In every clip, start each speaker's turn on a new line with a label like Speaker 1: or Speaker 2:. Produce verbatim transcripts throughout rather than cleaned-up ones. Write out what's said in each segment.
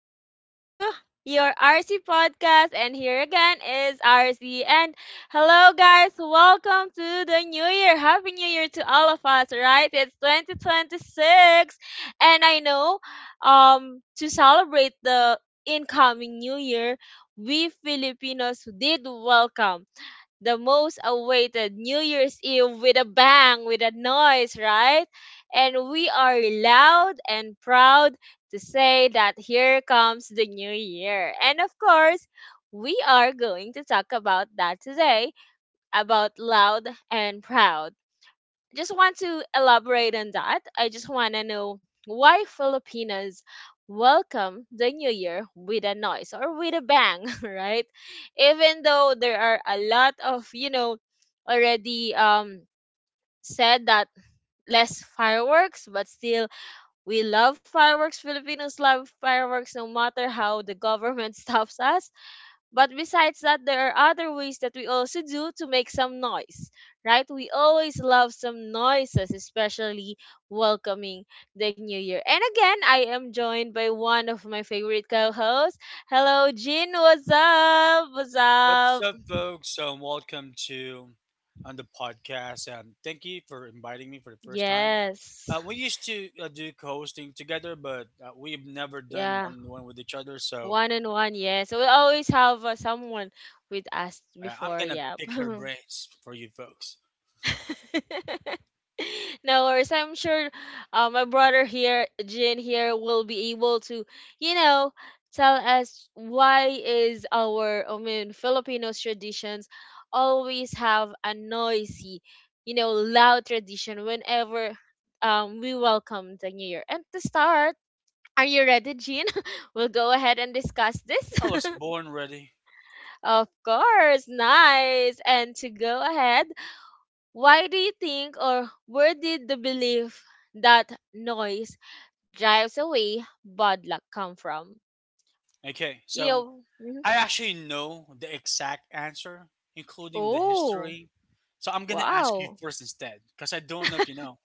Speaker 1: Welcome to your R C podcast. And here again is R C. And hello, guys, welcome to the new year. Happy New Year to all of us, right? It's twenty twenty-six. And I know um, to celebrate the incoming new year, we Filipinos did welcome the most awaited New Year's Eve with a bang, with a noise, right? And we are loud and proud to say that here comes the new year. And of course, we are going to talk about that today about loud and proud just want to elaborate on that. I just want to know why Filipinos welcome the new year with a noise or with a bang, right? Even though there are a lot of, you know, already um said that less fireworks, but still we love fireworks. Filipinos love fireworks no matter how the government stops us. But besides that, there are other ways that we also do to make some noise, right? We always love some noises, especially welcoming the new year. And again, I am joined by one of my favorite co hosts. Hello, Jin. What's up? What's
Speaker 2: What's
Speaker 1: up?
Speaker 2: up, folks? Um, welcome to on the podcast. Um, thank you for inviting me for the first time.
Speaker 1: Yes.
Speaker 2: Uh, we used to uh, do co-hosting together, but uh, we've never done
Speaker 1: Yeah.
Speaker 2: one-on-one with each other. So
Speaker 1: One and one. Yes. So we always have uh, someone with us
Speaker 2: uh, I'm
Speaker 1: before.
Speaker 2: gonna
Speaker 1: Yeah.
Speaker 2: pick her brains for you folks.
Speaker 1: No worries. I'm sure uh, my brother here, Jin here, will be able to, you know, tell us why is our, I mean, Filipinos traditions always have a noisy, you know, loud tradition whenever um, we welcome the new year. And to start, are you ready, Jin? We'll go ahead and discuss this.
Speaker 2: I was born ready.
Speaker 1: Of course, nice. And to go ahead, why do you think, or where did the belief that noise drives away bad luck come from?
Speaker 2: Okay,
Speaker 1: You
Speaker 2: so
Speaker 1: know, mhm.
Speaker 2: I actually know the exact answer, including the
Speaker 1: Oh,
Speaker 2: history. So I'm gonna ask you
Speaker 1: wow.
Speaker 2: first instead, because I don't know if you know.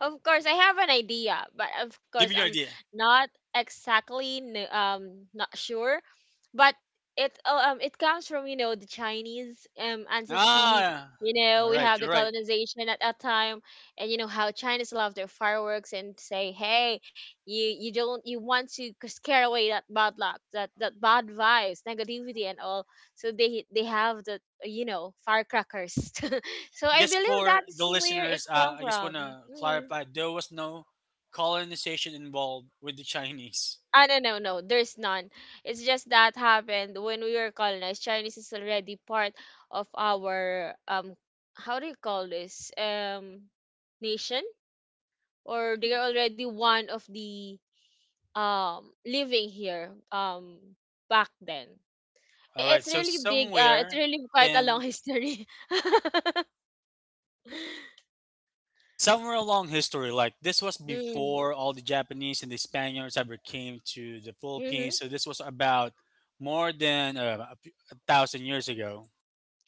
Speaker 1: Of course, I have an idea, but of
Speaker 2: Give
Speaker 1: course,
Speaker 2: me your
Speaker 1: I'm
Speaker 2: idea.
Speaker 1: not exactly kn- um not sure but it uh, um it comes from you know the Chinese um ancestry.
Speaker 2: Ah,
Speaker 1: You know
Speaker 2: you're
Speaker 1: we
Speaker 2: right.
Speaker 1: have the
Speaker 2: You're right.
Speaker 1: colonization at that time, and you know how Chinese love their fireworks and say, hey, you you don't you want to c- scare away that bad luck, that that bad vibes, negativity and all. So they they have the uh, you know firecrackers. So I
Speaker 2: Just
Speaker 1: believe
Speaker 2: for the
Speaker 1: that's where it
Speaker 2: listeners, uh,
Speaker 1: came
Speaker 2: I just
Speaker 1: from.
Speaker 2: want to
Speaker 1: Mm.
Speaker 2: clarify there was no colonization involved with the Chinese.
Speaker 1: Ah, no, no, no. There's none. It's just that happened when we were colonized. Chinese is already part of our um, how do you call this? Um, nation, or they are already one of the um living here um back then.
Speaker 2: All
Speaker 1: I-
Speaker 2: right,
Speaker 1: It's
Speaker 2: so
Speaker 1: really big. Uh, it's
Speaker 2: somewhere
Speaker 1: really quite a
Speaker 2: in
Speaker 1: long history.
Speaker 2: somewhere along history, like this was
Speaker 1: Mm,
Speaker 2: before all the Japanese and the Spaniards ever came to the
Speaker 1: mm-hmm.
Speaker 2: Philippines. So this was about more than uh, a few- a thousand years ago.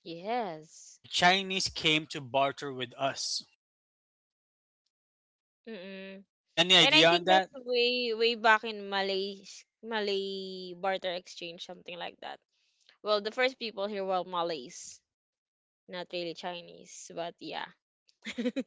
Speaker 1: Yes.
Speaker 2: The Chinese came to barter with us.
Speaker 1: Mm-mm.
Speaker 2: Any
Speaker 1: And I
Speaker 2: idea
Speaker 1: think
Speaker 2: on
Speaker 1: that's
Speaker 2: that?
Speaker 1: way way back in Malay Malay barter exchange, something like that. Well, the first people here were Malays, not really Chinese, but yeah.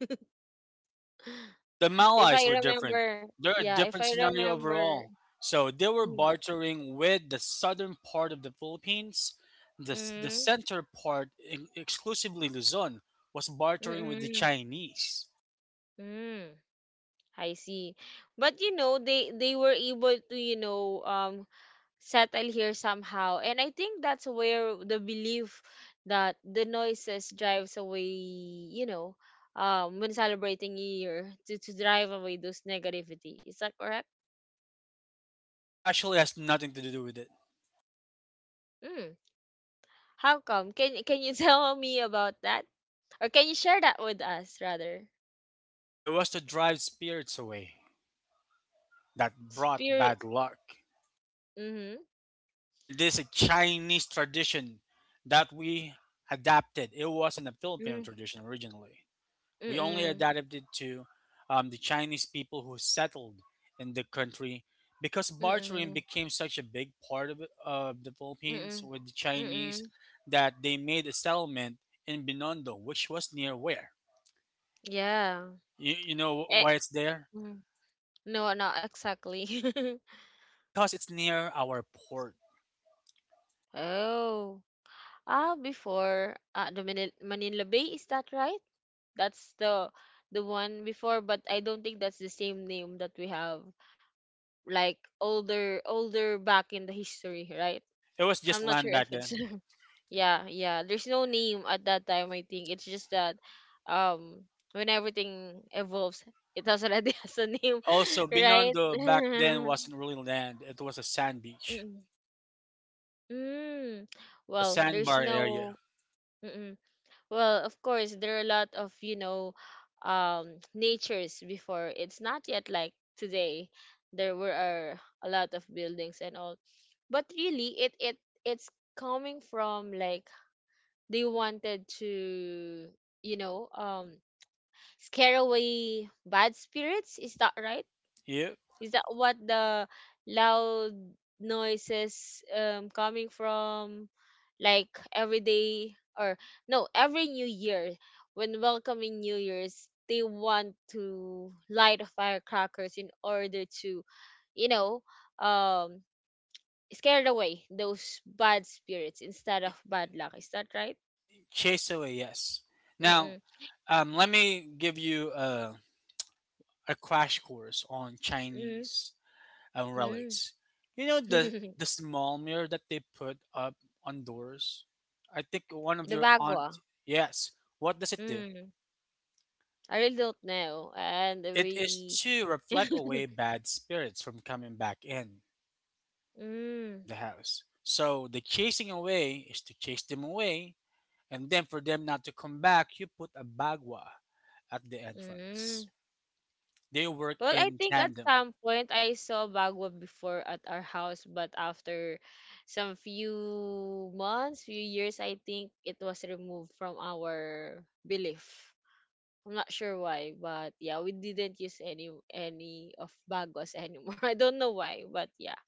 Speaker 2: The
Speaker 1: If
Speaker 2: Malays
Speaker 1: I
Speaker 2: were different.
Speaker 1: remember,
Speaker 2: They're a
Speaker 1: yeah, if I
Speaker 2: different scenario
Speaker 1: remember.
Speaker 2: overall. So they were
Speaker 1: Mm,
Speaker 2: bartering with the southern part of the Philippines. The, s- the
Speaker 1: mm,
Speaker 2: center part, in, exclusively Luzon, was
Speaker 1: mm,
Speaker 2: bartering with the
Speaker 1: mm,
Speaker 2: Chinese.
Speaker 1: mm, I see. But you know, they they were able to, you know, um settle here somehow. And I think that's where the belief that the noises drives away, you know, um, when celebrating New Year to, to drive away those negativity. Is that correct?
Speaker 2: Actually, has nothing to do with it.
Speaker 1: Mm. How come? Can can you tell me about that, or can you share that with us rather?
Speaker 2: It was to drive spirits away that brought
Speaker 1: Spirit.
Speaker 2: bad luck.
Speaker 1: Mm-hmm.
Speaker 2: Again, this is a Chinese tradition that we adapted. It wasn't a Filipino
Speaker 1: Mm.
Speaker 2: tradition originally. We only
Speaker 1: Mm.
Speaker 2: adapted to um, the Chinese people who settled in the country because bartering
Speaker 1: Mm.
Speaker 2: became such a big part of, it- of the Philippines
Speaker 1: Mm.
Speaker 2: with the Chinese
Speaker 1: Mm.
Speaker 2: that they made a settlement in Binondo, which was near where?
Speaker 1: Yeah.
Speaker 2: You, you know why
Speaker 1: Eh,
Speaker 2: it's there?
Speaker 1: mm. No, not exactly.
Speaker 2: Because it's near our port.
Speaker 1: Oh. Ah, before uh, the Manila, Manila Bay, is that right? That's the the one before, but I don't think that's the same name that we have like older older back in the history, right?
Speaker 2: It was just
Speaker 1: I'm not
Speaker 2: land
Speaker 1: sure if
Speaker 2: back
Speaker 1: it's
Speaker 2: then.
Speaker 1: yeah, yeah. There's no name at that time, I think. It's just that um when everything evolves, it has already has a name,
Speaker 2: Also,
Speaker 1: right?
Speaker 2: Binondo back then wasn't really land, it was a sand beach,
Speaker 1: Mm. Mm.
Speaker 2: it was a
Speaker 1: Well, there's
Speaker 2: sandbar area.
Speaker 1: no mm-mm. Well, of course, there are a lot of, you know, um, natures before. It's not yet like today. There were are a lot of buildings and all. But really, it it it's coming from like they wanted to, you know, um, scare away bad spirits. Is that right?
Speaker 2: Yeah.
Speaker 1: Is that what the loud noises um coming from like every day or no, every new year when welcoming New Year's, they want to light firecrackers in order to, you know, um scare away those bad spirits instead of bad luck. Is that right?
Speaker 2: Chase away, yes. Now,
Speaker 1: Mm-mm.
Speaker 2: um, let me give you a, a crash course on
Speaker 1: Mm,
Speaker 2: Chinese um,
Speaker 1: mm.
Speaker 2: relics. You know the the small mirror that they put up on doors. I think one of
Speaker 1: The
Speaker 2: your aunt.
Speaker 1: bagua.
Speaker 2: Yes. What does it do?
Speaker 1: Mm. I really don't know. And
Speaker 2: It is
Speaker 1: we
Speaker 2: to reflect away bad spirits from coming back in
Speaker 1: Mm,
Speaker 2: the house. So the chasing away is to chase them away, and then for them not to come back, you put a bagua at the entrance.
Speaker 1: mm.
Speaker 2: They work
Speaker 1: Well, I
Speaker 2: in
Speaker 1: think at
Speaker 2: tandem.
Speaker 1: some point I saw Bagua before at our house, but after some few months, few years, I think it was removed from our belief. I'm not sure why, but yeah, we didn't use any any of Baguas anymore. I don't know why, but yeah.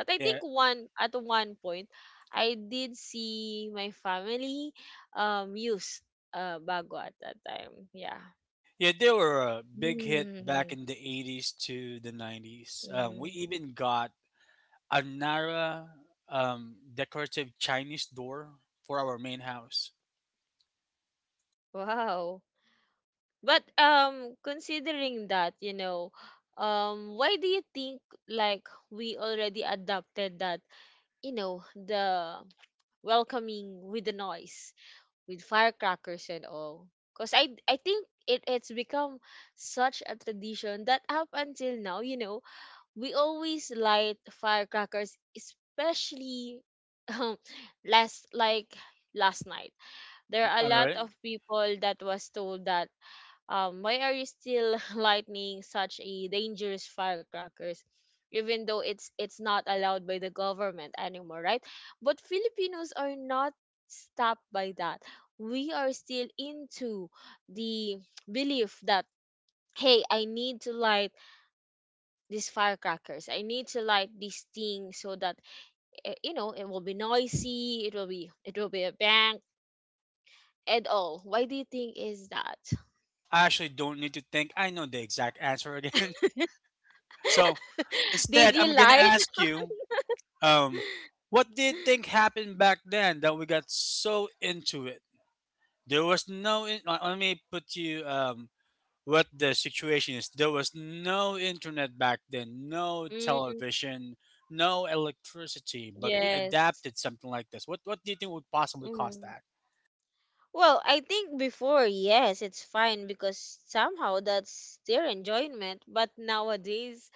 Speaker 1: But I
Speaker 2: Yeah,
Speaker 1: think one at one point, I did see my family um use uh Bagua at that time. Yeah.
Speaker 2: yeah, they were a big hit back in the eighties to the nineties. Um, we
Speaker 1: Mm,
Speaker 2: even got a Nara um, decorative Chinese door for our main house.
Speaker 1: wow. But um considering that, you know, um why do you think like we already adopted that, you know, the welcoming with the noise, with firecrackers and all? Cuz I I think it, it's become such a tradition that up until now, you know, we always light firecrackers, especially um last like last night there are a
Speaker 2: All
Speaker 1: lot
Speaker 2: right,
Speaker 1: of people that was told that um why are you still lightning such a dangerous firecrackers even though it's it's not allowed by the government anymore, right? But Filipinos are not stopped by that. We are still into the belief that hey, I need to light these firecrackers, I need to light this thing so that eh, you know it will be noisy, it will be it will be a bang and all. Why do you think is that?
Speaker 2: I actually don't need to think. I know the exact answer again. So
Speaker 1: Did
Speaker 2: instead,
Speaker 1: you
Speaker 2: I'm gonna
Speaker 1: light?
Speaker 2: ask you, um, what do you think happened back then that we got so into it? There was no. In- uh, Let me put you um, what the situation is. There was no internet back then, no
Speaker 1: Mm,
Speaker 2: television, no electricity, but we
Speaker 1: yes.
Speaker 2: adapted something like this. What what do you think would possibly cause
Speaker 1: Hmm.
Speaker 2: that?
Speaker 1: Well, I think before, yes, it's fine because somehow that's their enjoyment. But nowadays,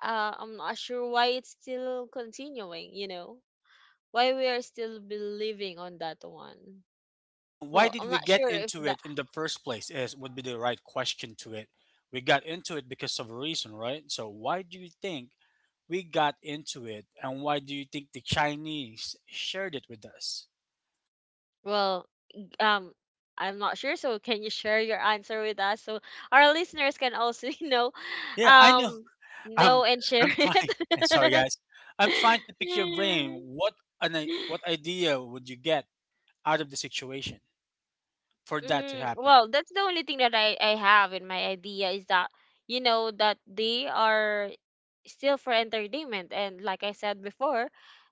Speaker 1: uh, I'm not sure why it's still continuing, you know? Why we are still believing on that one.
Speaker 2: No, why
Speaker 1: Well,
Speaker 2: did
Speaker 1: I'm
Speaker 2: we
Speaker 1: not
Speaker 2: get
Speaker 1: sure if
Speaker 2: into
Speaker 1: that.
Speaker 2: it in the first place is would be the right question to it. We got into it because of a reason, right? So why do you think we got into it and why do you think the Chinese shared it with us?
Speaker 1: Well, um, I'm not sure. So, can you share your answer with us so our listeners can also, you know,
Speaker 2: Yeah, I know.
Speaker 1: um, know
Speaker 2: Um,
Speaker 1: and share
Speaker 2: I'm trying. I'm sorry,
Speaker 1: it?
Speaker 2: guys. I'm trying to pick your brain. What an i- what idea would you get out of the situation for that to
Speaker 1: Mm,
Speaker 2: happen?
Speaker 1: well, that's the only thing that I, I have in my idea is that, you know, that they are still for entertainment. And like I said before,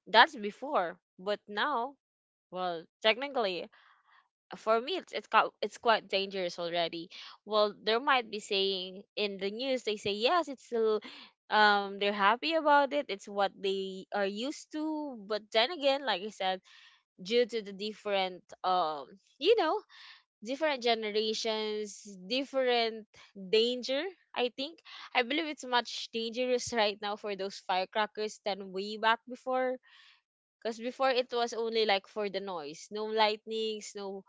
Speaker 1: that's before. But now, well, technically, for me, it's, it's, ca- it's quite dangerous already. Well, there might be saying in the news, they say, yes, it's still, um, they're happy about it. It's what they are used to. But then again, like I said, due to the different um you know different generations, different danger, I think I believe it's much dangerous right now for those firecrackers than way back before, because before it was only like for the noise, no lightnings, no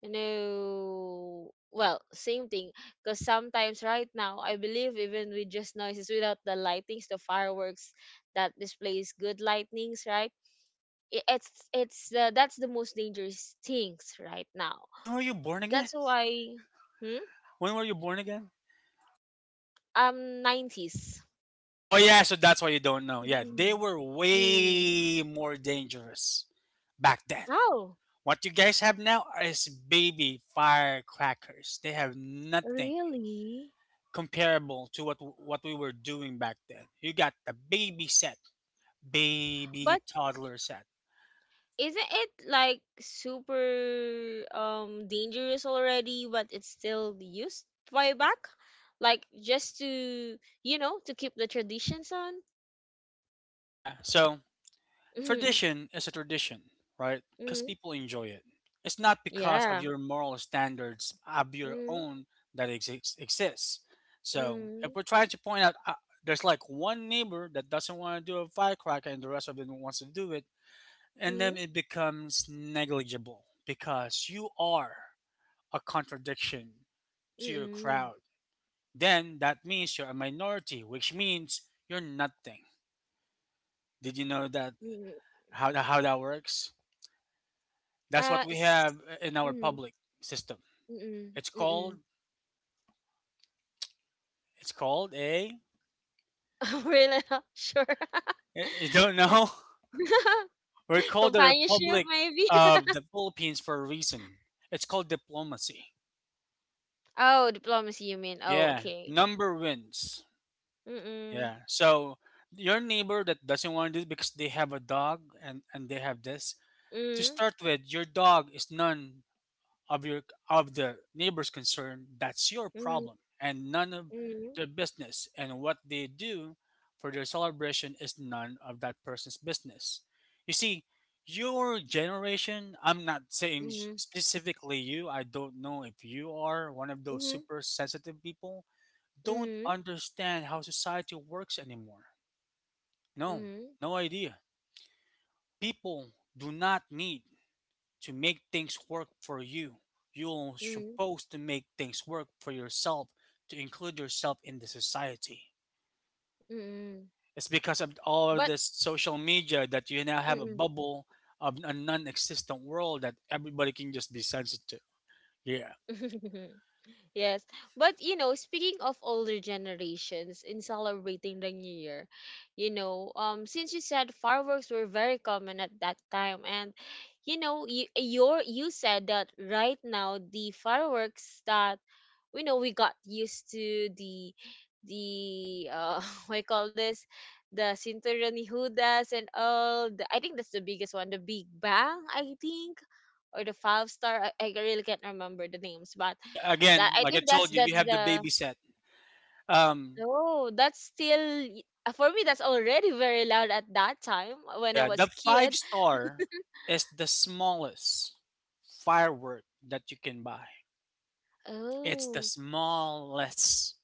Speaker 1: no, well, same thing, because sometimes right now I believe even with just noises without the lightnings the fireworks that displays good lightnings, right? i- it's it's uh, that's the most dangerous things right now.
Speaker 2: When were you born
Speaker 1: That's
Speaker 2: again?
Speaker 1: why hmm?
Speaker 2: When were you born again?
Speaker 1: um nineties.
Speaker 2: Oh yeah, so that's why you don't know. Yeah,
Speaker 1: Mhm.
Speaker 2: they were
Speaker 1: Mm.
Speaker 2: way more dangerous back then.
Speaker 1: Oh,
Speaker 2: What you guys have now is baby firecrackers. They have nothing
Speaker 1: really?
Speaker 2: comparable to what what we were doing back then. You got the baby set,
Speaker 1: But
Speaker 2: baby toddler set.
Speaker 1: isn't it like super um dangerous already, but it's still used way back? Like just to you know to keep the traditions on.
Speaker 2: Yeah, so
Speaker 1: Mm-hmm.
Speaker 2: tradition is a tradition, right? Because
Speaker 1: Mm-hmm.
Speaker 2: people enjoy it. It's not because of
Speaker 1: Yeah.
Speaker 2: your moral standards of your
Speaker 1: Mm-hmm.
Speaker 2: own that exists exists. So if
Speaker 1: Mm-hmm.
Speaker 2: we're trying to point out uh, there's like one neighbor that doesn't want to do a firecracker and the rest of them wants to do it, and then it becomes negligible because you are a contradiction to your
Speaker 1: Mm-hmm.
Speaker 2: crowd. Then that means you're a minority, which means you're nothing. Did you know that
Speaker 1: Mm-hmm.
Speaker 2: how how that works? That's what
Speaker 1: Uh,
Speaker 2: we
Speaker 1: s
Speaker 2: have in our
Speaker 1: mm,
Speaker 2: public system.
Speaker 1: mm,
Speaker 2: It's called
Speaker 1: mm.
Speaker 2: it's called a
Speaker 1: We're not sure.
Speaker 2: I I don't know. We're called the
Speaker 1: Companionship,
Speaker 2: Republic
Speaker 1: maybe?
Speaker 2: of the Philippines for a reason. It's called diplomacy.
Speaker 1: Oh, diplomacy, you mean. Oh,
Speaker 2: Yeah,
Speaker 1: okay.
Speaker 2: number wins.
Speaker 1: Mm-mm.
Speaker 2: Yeah. So your neighbor that doesn't want to do this because they have a dog and and they have this to
Speaker 1: Mm-mm.
Speaker 2: start with, your dog is none of your of the neighbors concerned, that's your problem and none of
Speaker 1: Mm-mm.
Speaker 2: their business. And what they do for their celebration is none of that person's business. You see, your generation, I'm not saying s-
Speaker 1: Mm-mm.
Speaker 2: specifically you, I don't know if you are one of those
Speaker 1: Mm-mm.
Speaker 2: super sensitive people, don't
Speaker 1: Mm-mm.
Speaker 2: understand how society works anymore. No,
Speaker 1: Mm-mm.
Speaker 2: no idea. People do not need to make things work for you. You're
Speaker 1: Mm-mm.
Speaker 2: supposed to make things work for yourself to include yourself in the society.
Speaker 1: Mm-mm.
Speaker 2: It's because of all
Speaker 1: But,
Speaker 2: of this social media that you now have a
Speaker 1: mm-mm.
Speaker 2: bubble of a non-existent world that everybody can just be sensitive. Yeah.
Speaker 1: Yes. But you know, speaking of older generations in celebrating the new year, you know, um since you said fireworks were very common at that time and you know, you your you said that right now the fireworks that we know we got used to the the uh what I call this the Cinturón Judas and all the, I think that's the biggest one, the Big Bang, I think or the five star. I, I really can't remember the names, but
Speaker 2: Yeah.
Speaker 1: that
Speaker 2: Again,
Speaker 1: I
Speaker 2: like I
Speaker 1: think that's
Speaker 2: told you, you
Speaker 1: that's
Speaker 2: have the
Speaker 1: the
Speaker 2: baby set. Um.
Speaker 1: oh that's still uh, for me that's already very loud at that time when I
Speaker 2: Yeah.
Speaker 1: was
Speaker 2: The
Speaker 1: a
Speaker 2: five
Speaker 1: kid.
Speaker 2: star is the smallest firework that you can buy. It's the
Speaker 1: Oh,
Speaker 2: smallest,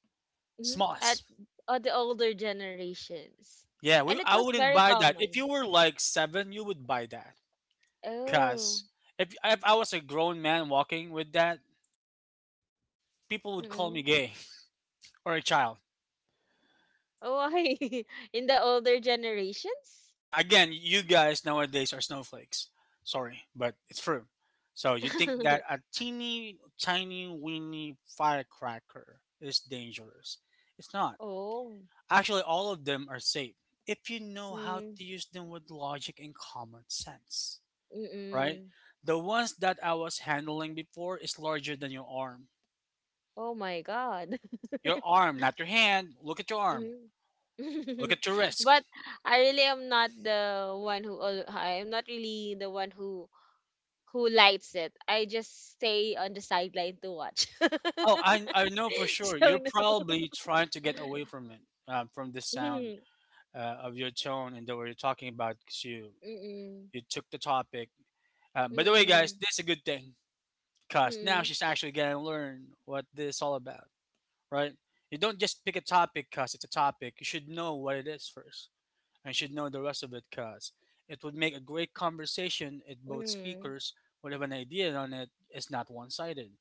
Speaker 1: mhm, at
Speaker 2: smallest.
Speaker 1: uh, the older generations,
Speaker 2: Yeah,
Speaker 1: and
Speaker 2: we
Speaker 1: it
Speaker 2: I
Speaker 1: was
Speaker 2: wouldn't
Speaker 1: very
Speaker 2: buy that. If
Speaker 1: common.
Speaker 2: you were like seven, you would buy that.
Speaker 1: Oh,
Speaker 2: Cause if if I was a grown man walking with that, people would call me
Speaker 1: mm
Speaker 2: gay or a child.
Speaker 1: why in the older generations?
Speaker 2: Yeah, again, you guys nowadays are snowflakes. Sorry, but it's true. So you think that a teeny tiny weeny firecracker is dangerous? It's not.
Speaker 1: Oh,
Speaker 2: Actually, all of them are safe if you know how to
Speaker 1: mm,
Speaker 2: use them with logic and common sense. Right?
Speaker 1: mm-mm.
Speaker 2: The ones that I was handling before is larger than your arm.
Speaker 1: Oh my God.
Speaker 2: Your arm, not your hand. Look at your arm.
Speaker 1: Mm.
Speaker 2: Look at your wrist.
Speaker 1: But I really am not the one who al- I am not really the one who who lights it. I just stay on the sideline to watch.
Speaker 2: Oh, I, I know for sure. You're
Speaker 1: So no.
Speaker 2: probably trying to get away from it, um, from the sound
Speaker 1: Hmm.
Speaker 2: uh, of your tone and the way you're talking about because you,
Speaker 1: Mm.
Speaker 2: you took the topic. Um, by
Speaker 1: Mm-mm.
Speaker 2: the way, guys,
Speaker 1: Mm-mm.
Speaker 2: this is a good thing because now
Speaker 1: Mm-mm.
Speaker 2: she's actually going to learn what this is all about, right? You don't just pick a topic because it's a topic. You should know what it is first. I should know the rest of it because it would make a great conversation if both
Speaker 1: Mm-mm.
Speaker 2: speakers would have an idea on it. It's not one sided.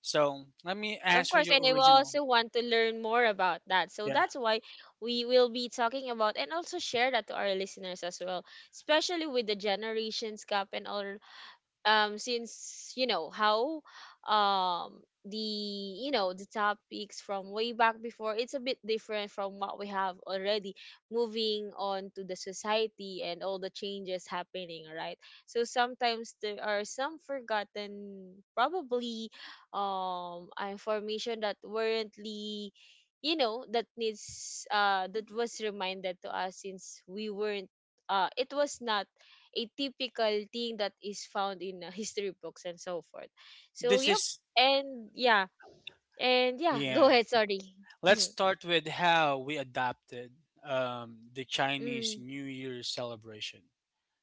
Speaker 2: So let me
Speaker 1: Of
Speaker 2: answer
Speaker 1: course,
Speaker 2: your
Speaker 1: and I will
Speaker 2: original.
Speaker 1: also want to learn more about that. So
Speaker 2: Yeah.
Speaker 1: that's why we will be talking about and also share that to our listeners as well, especially with the generations gap and all um since you know how um the you know the topics from way back before it's a bit different from what we have already moving on to the society and all the changes happening, right? So sometimes there are some forgotten probably um information that weren'tly you know that needs uh that was reminded to us since we weren't uh it was not a typical thing that is found in uh, history books and so forth. So
Speaker 2: This
Speaker 1: yep,
Speaker 2: is,
Speaker 1: and yeah, and yeah, go
Speaker 2: yeah.
Speaker 1: ahead. Sorry.
Speaker 2: Let's
Speaker 1: Mhm.
Speaker 2: start with how we adapted um, the Chinese
Speaker 1: Mm,
Speaker 2: New Year celebration.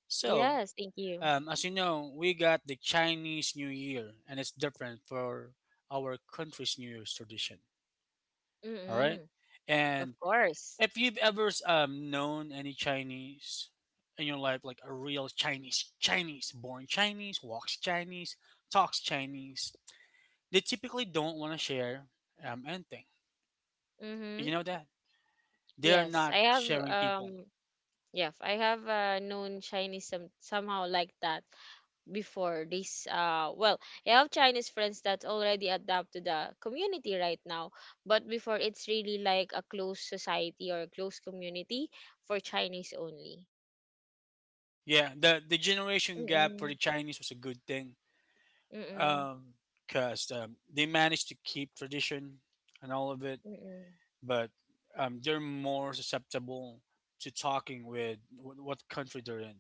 Speaker 2: So,
Speaker 1: yes, thank you.
Speaker 2: um, as you know, we got the Chinese New Year, and it's different for our country's New Year's tradition. All right.
Speaker 1: Mm-mm, of
Speaker 2: And
Speaker 1: course.
Speaker 2: if you've ever um, known any Chinese in your life, like a real Chinese, Chinese, born Chinese, walks Chinese, talks Chinese, they typically don't want to share um, anything. Do
Speaker 1: Mm-hmm.
Speaker 2: you know that? They're
Speaker 1: Yes,
Speaker 2: not
Speaker 1: I have
Speaker 2: sharing people.
Speaker 1: um. Yeah, I have uh, known Chinese some somehow like that. Before this, uh well, I have Chinese friends that already adapt to the community right now, but before, it's really like a closed society or a closed community for Chinese only.
Speaker 2: Yeah, the, the generation gap for
Speaker 1: Mm-mm,
Speaker 2: the Chinese was a good thing
Speaker 1: mm-mm,
Speaker 2: because um, they managed to keep tradition and all of it,
Speaker 1: mm-mm,
Speaker 2: but um, they're more susceptible to talking with wh- what country they're in.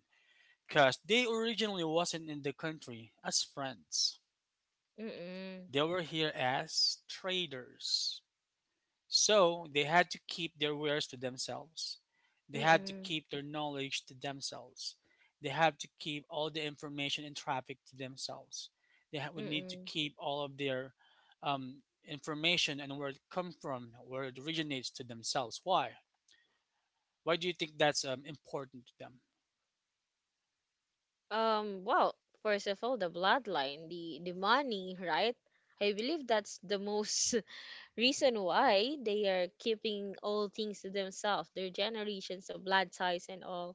Speaker 2: Because they originally wasn't in the country as friends.
Speaker 1: mm-mm,
Speaker 2: They were here as traders. So they had to keep their wares to themselves. They had to
Speaker 1: mm-mm,
Speaker 2: keep their knowledge to themselves. They had to keep all the information and traffic to themselves. They ha- would need to
Speaker 1: mm-mm.
Speaker 2: keep all of their um, information and where it comes from, where it originates to themselves. Why? Why do you think that's um, important to them?
Speaker 1: Um well, first of all, the bloodline, the the money, right? I believe that's the most reason why they are keeping all things to themselves, their generations of blood ties and all,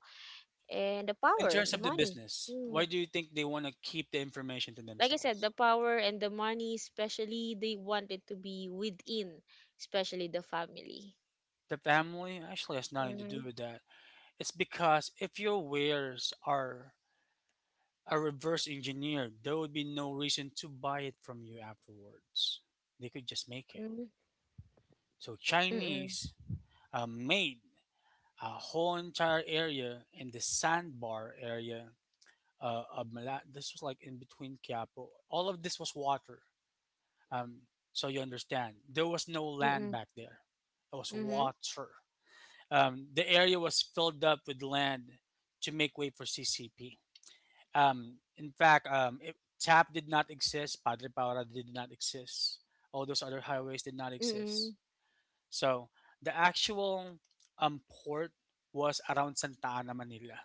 Speaker 1: and the
Speaker 2: In
Speaker 1: power,
Speaker 2: terms
Speaker 1: the
Speaker 2: of the
Speaker 1: money.
Speaker 2: business,
Speaker 1: Mm.
Speaker 2: why do you think they want to keep the information to
Speaker 1: Like I said,
Speaker 2: themselves?
Speaker 1: the power and the money, especially they want it to be within, especially the family.
Speaker 2: The family actually has nothing to
Speaker 1: Mm-hmm.
Speaker 2: do with that. It's because if your wares are are reverse engineered, there would be no reason to buy it from you afterwards. They could just make it.
Speaker 1: Mm-hmm.
Speaker 2: So
Speaker 1: Mm-mm.
Speaker 2: Chinese uh, made a whole entire area in the sandbar area uh, of Mala. This was like in between Quiapo. All of this was water. Um, so you understand, there was no land
Speaker 1: Mm-mm.
Speaker 2: back there. It was
Speaker 1: Mm-hmm.
Speaker 2: water. Um, the area was filled up with land to make way for C C P. Um, in fact, um, it, T A P did not exist. Padre Paura did not exist. All those other highways did not exist.
Speaker 1: Mm-mm.
Speaker 2: So the actual um, port was around Santa Ana, Manila.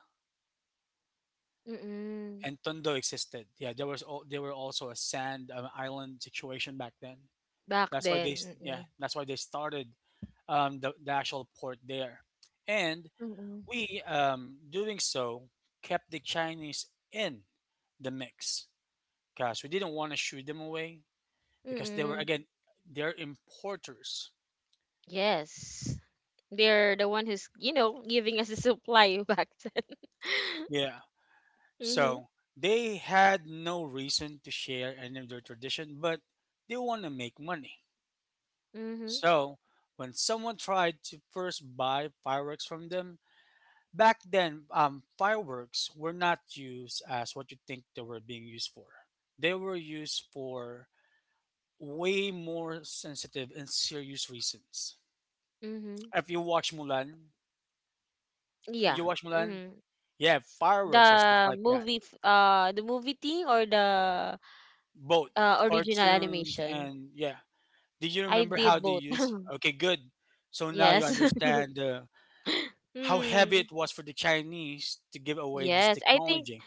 Speaker 1: Mm-mm.
Speaker 2: And Tondo existed. Yeah, there was all, there were also a sand um, island situation back then.
Speaker 1: Back
Speaker 2: That's why they s-
Speaker 1: then.
Speaker 2: Yeah,
Speaker 1: Mm-mm.
Speaker 2: that's why they started um, the, the actual port there. And
Speaker 1: Mm-mm.
Speaker 2: we, um, doing so, kept the Chinese in the mix because we didn't want to shoo them away because they were,
Speaker 1: Mm-mm.
Speaker 2: again, they're importers.
Speaker 1: Yes. They're the one who's, you know, giving us the supply back then.
Speaker 2: Yeah.
Speaker 1: Mm-hmm.
Speaker 2: So they had no reason to share any of their tradition, but they want to make money.
Speaker 1: Mm-hmm.
Speaker 2: So when someone tried to first buy fireworks from them, back then, um, fireworks were not used as what you think they were being used for. They were used for way more sensitive and serious reasons.
Speaker 1: Mm-hmm.
Speaker 2: If you watch Mulan,
Speaker 1: Yeah.
Speaker 2: did you watch Mulan?
Speaker 1: Mm-hmm.
Speaker 2: Yeah, fireworks was just
Speaker 1: The
Speaker 2: like that.
Speaker 1: movie, f- uh, the movie thing or the
Speaker 2: Both
Speaker 1: uh, original
Speaker 2: cartoons
Speaker 1: animation?
Speaker 2: and yeah. Did you
Speaker 1: I
Speaker 2: remember how they
Speaker 1: did both.
Speaker 2: used? Okay, good. So now you
Speaker 1: Yes.
Speaker 2: understand uh, how heavy it
Speaker 1: Mm,
Speaker 2: was for the Chinese to give away this
Speaker 1: yes, I think,
Speaker 2: technology.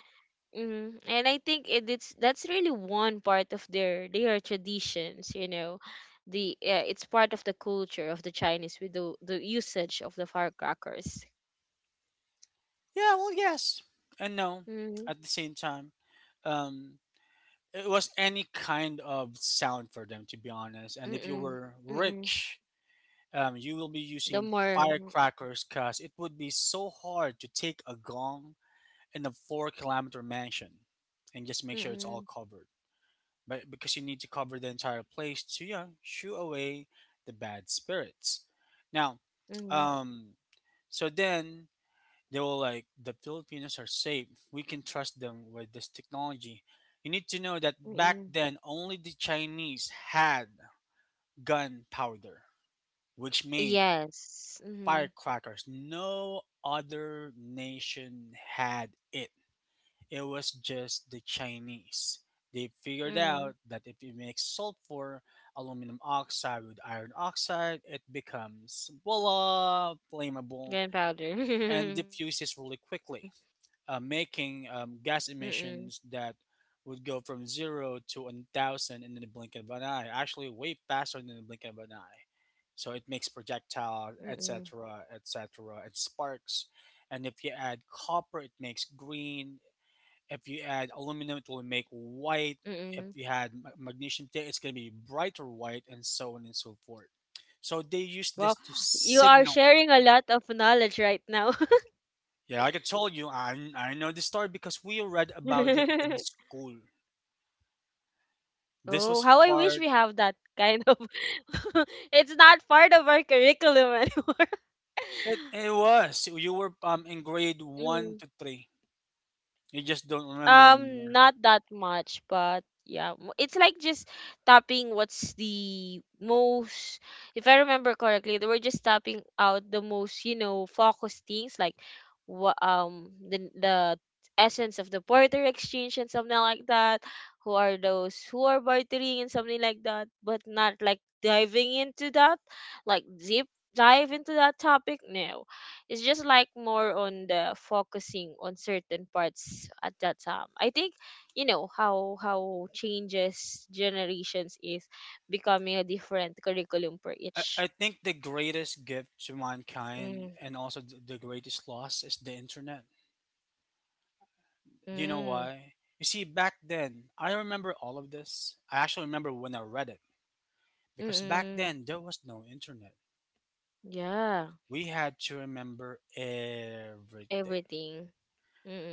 Speaker 1: mm, and I think it, it's that's really one part of their their traditions. You know, the uh, it's part of the culture of the Chinese with the the usage of the firecrackers.
Speaker 2: Yeah, well, yes and no at the
Speaker 1: Mm,
Speaker 2: same time. Um, it was any kind of sound for them, to be honest. And if you were
Speaker 1: mm-mm, mm-mm.
Speaker 2: rich, um, you will be using
Speaker 1: The more,
Speaker 2: firecrackers because it would be so hard to take a gong in a four kilometer mansion and just make sure it's all
Speaker 1: mm-mm,
Speaker 2: covered. But because you need to cover the entire place to, yeah, shoo away the bad spirits. Now,
Speaker 1: mm-mm,
Speaker 2: um, so then they were like, the Filipinos are safe. We can trust them with this technology. You need to know that back then
Speaker 1: mm-mm.
Speaker 2: only the Chinese had gunpowder, which made
Speaker 1: Yes. Mm-hmm,
Speaker 2: firecrackers. No other nation had it. It was just the Chinese. They figured out that
Speaker 1: mm-hmm.
Speaker 2: if you mix sulfur, aluminum oxide with iron oxide, it becomes voila, flammable, and
Speaker 1: Gunpowder.
Speaker 2: diffuses really quickly. Uh, making um,
Speaker 1: Mm-mm.
Speaker 2: gas emissions that would go from zero to one thousand in the blink of an eye, actually, way faster than the blink of an eye. So it makes projectiles,
Speaker 1: Mm-mm.
Speaker 2: et cetera, et cetera, and sparks. And if you add copper, it makes green. If you add aluminum, it will make white. If
Speaker 1: Mm-mm.
Speaker 2: you add ma- magnesium, it's going to be brighter white, and so on and so forth. So they use this to
Speaker 1: Well, you
Speaker 2: signal.
Speaker 1: are sharing a lot of knowledge right now.
Speaker 2: Yeah, like I told you, I I know this story because we read about it in school.
Speaker 1: Oh, how I
Speaker 2: This was
Speaker 1: wish we have
Speaker 2: part.
Speaker 1: that kind of. It's not part of our curriculum anymore.
Speaker 2: It, it was you were um in grade
Speaker 1: Mm.
Speaker 2: one to three. You just don't remember
Speaker 1: Um,
Speaker 2: anymore.
Speaker 1: not that much, but yeah, mo- it's like just tapping what's the most, if I remember correctly, they were just tapping out the most, you know, focused things like what um the the essence of the barter exchange and something like that. Who are those who are bartering and something like that, but not like diving into that, like deep dive into that topic. No, it's just like more on the focusing on certain parts at that time, I think you know how how changes generations is becoming a different curriculum for
Speaker 2: I,
Speaker 1: each.
Speaker 2: I think the greatest gift to mankind
Speaker 1: Mm,
Speaker 2: and also the, the greatest loss is the internet. Do you know
Speaker 1: mm,
Speaker 2: why? You see, back then I remember all of this. I actually remember when I read it because back
Speaker 1: mm,
Speaker 2: then there was no internet.
Speaker 1: yeah,
Speaker 2: We had to remember everything.
Speaker 1: everything.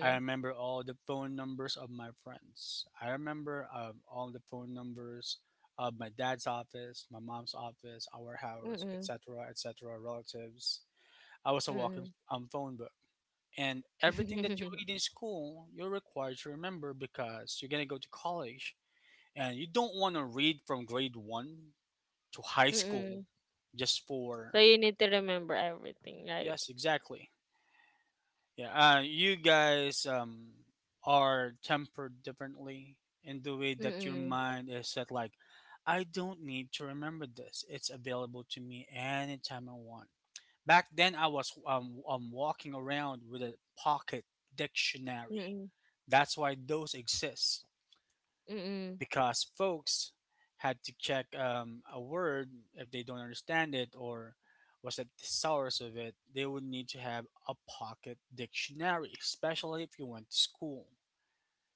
Speaker 2: I remember all the phone numbers of my friends. I remember um, all the phone numbers of my dad's office, my mom's office, our
Speaker 1: mm,
Speaker 2: house,
Speaker 1: mm,
Speaker 2: et cetera, et cetera, relatives. I was a walking
Speaker 1: mm.
Speaker 2: um, phone book. And everything that you read in school, you're required to remember because you're going to go to college. And you don't want to read from grade one to high school
Speaker 1: Mm.
Speaker 2: just
Speaker 1: So
Speaker 2: for,
Speaker 1: you need to remember everything, right?
Speaker 2: yes, exactly. Yeah, uh, you guys um, are tempered differently in the way that your
Speaker 1: Mm,
Speaker 2: mind is set. Like, I don't need to remember this. It's available to me anytime I want. Back then, I was um, um walking around with a pocket dictionary.
Speaker 1: mm,
Speaker 2: That's why those exist
Speaker 1: mm, mm,
Speaker 2: because folks had to check um, a word if they don't understand it or was at the source of it, they would need to have a pocket dictionary, especially if you went to school.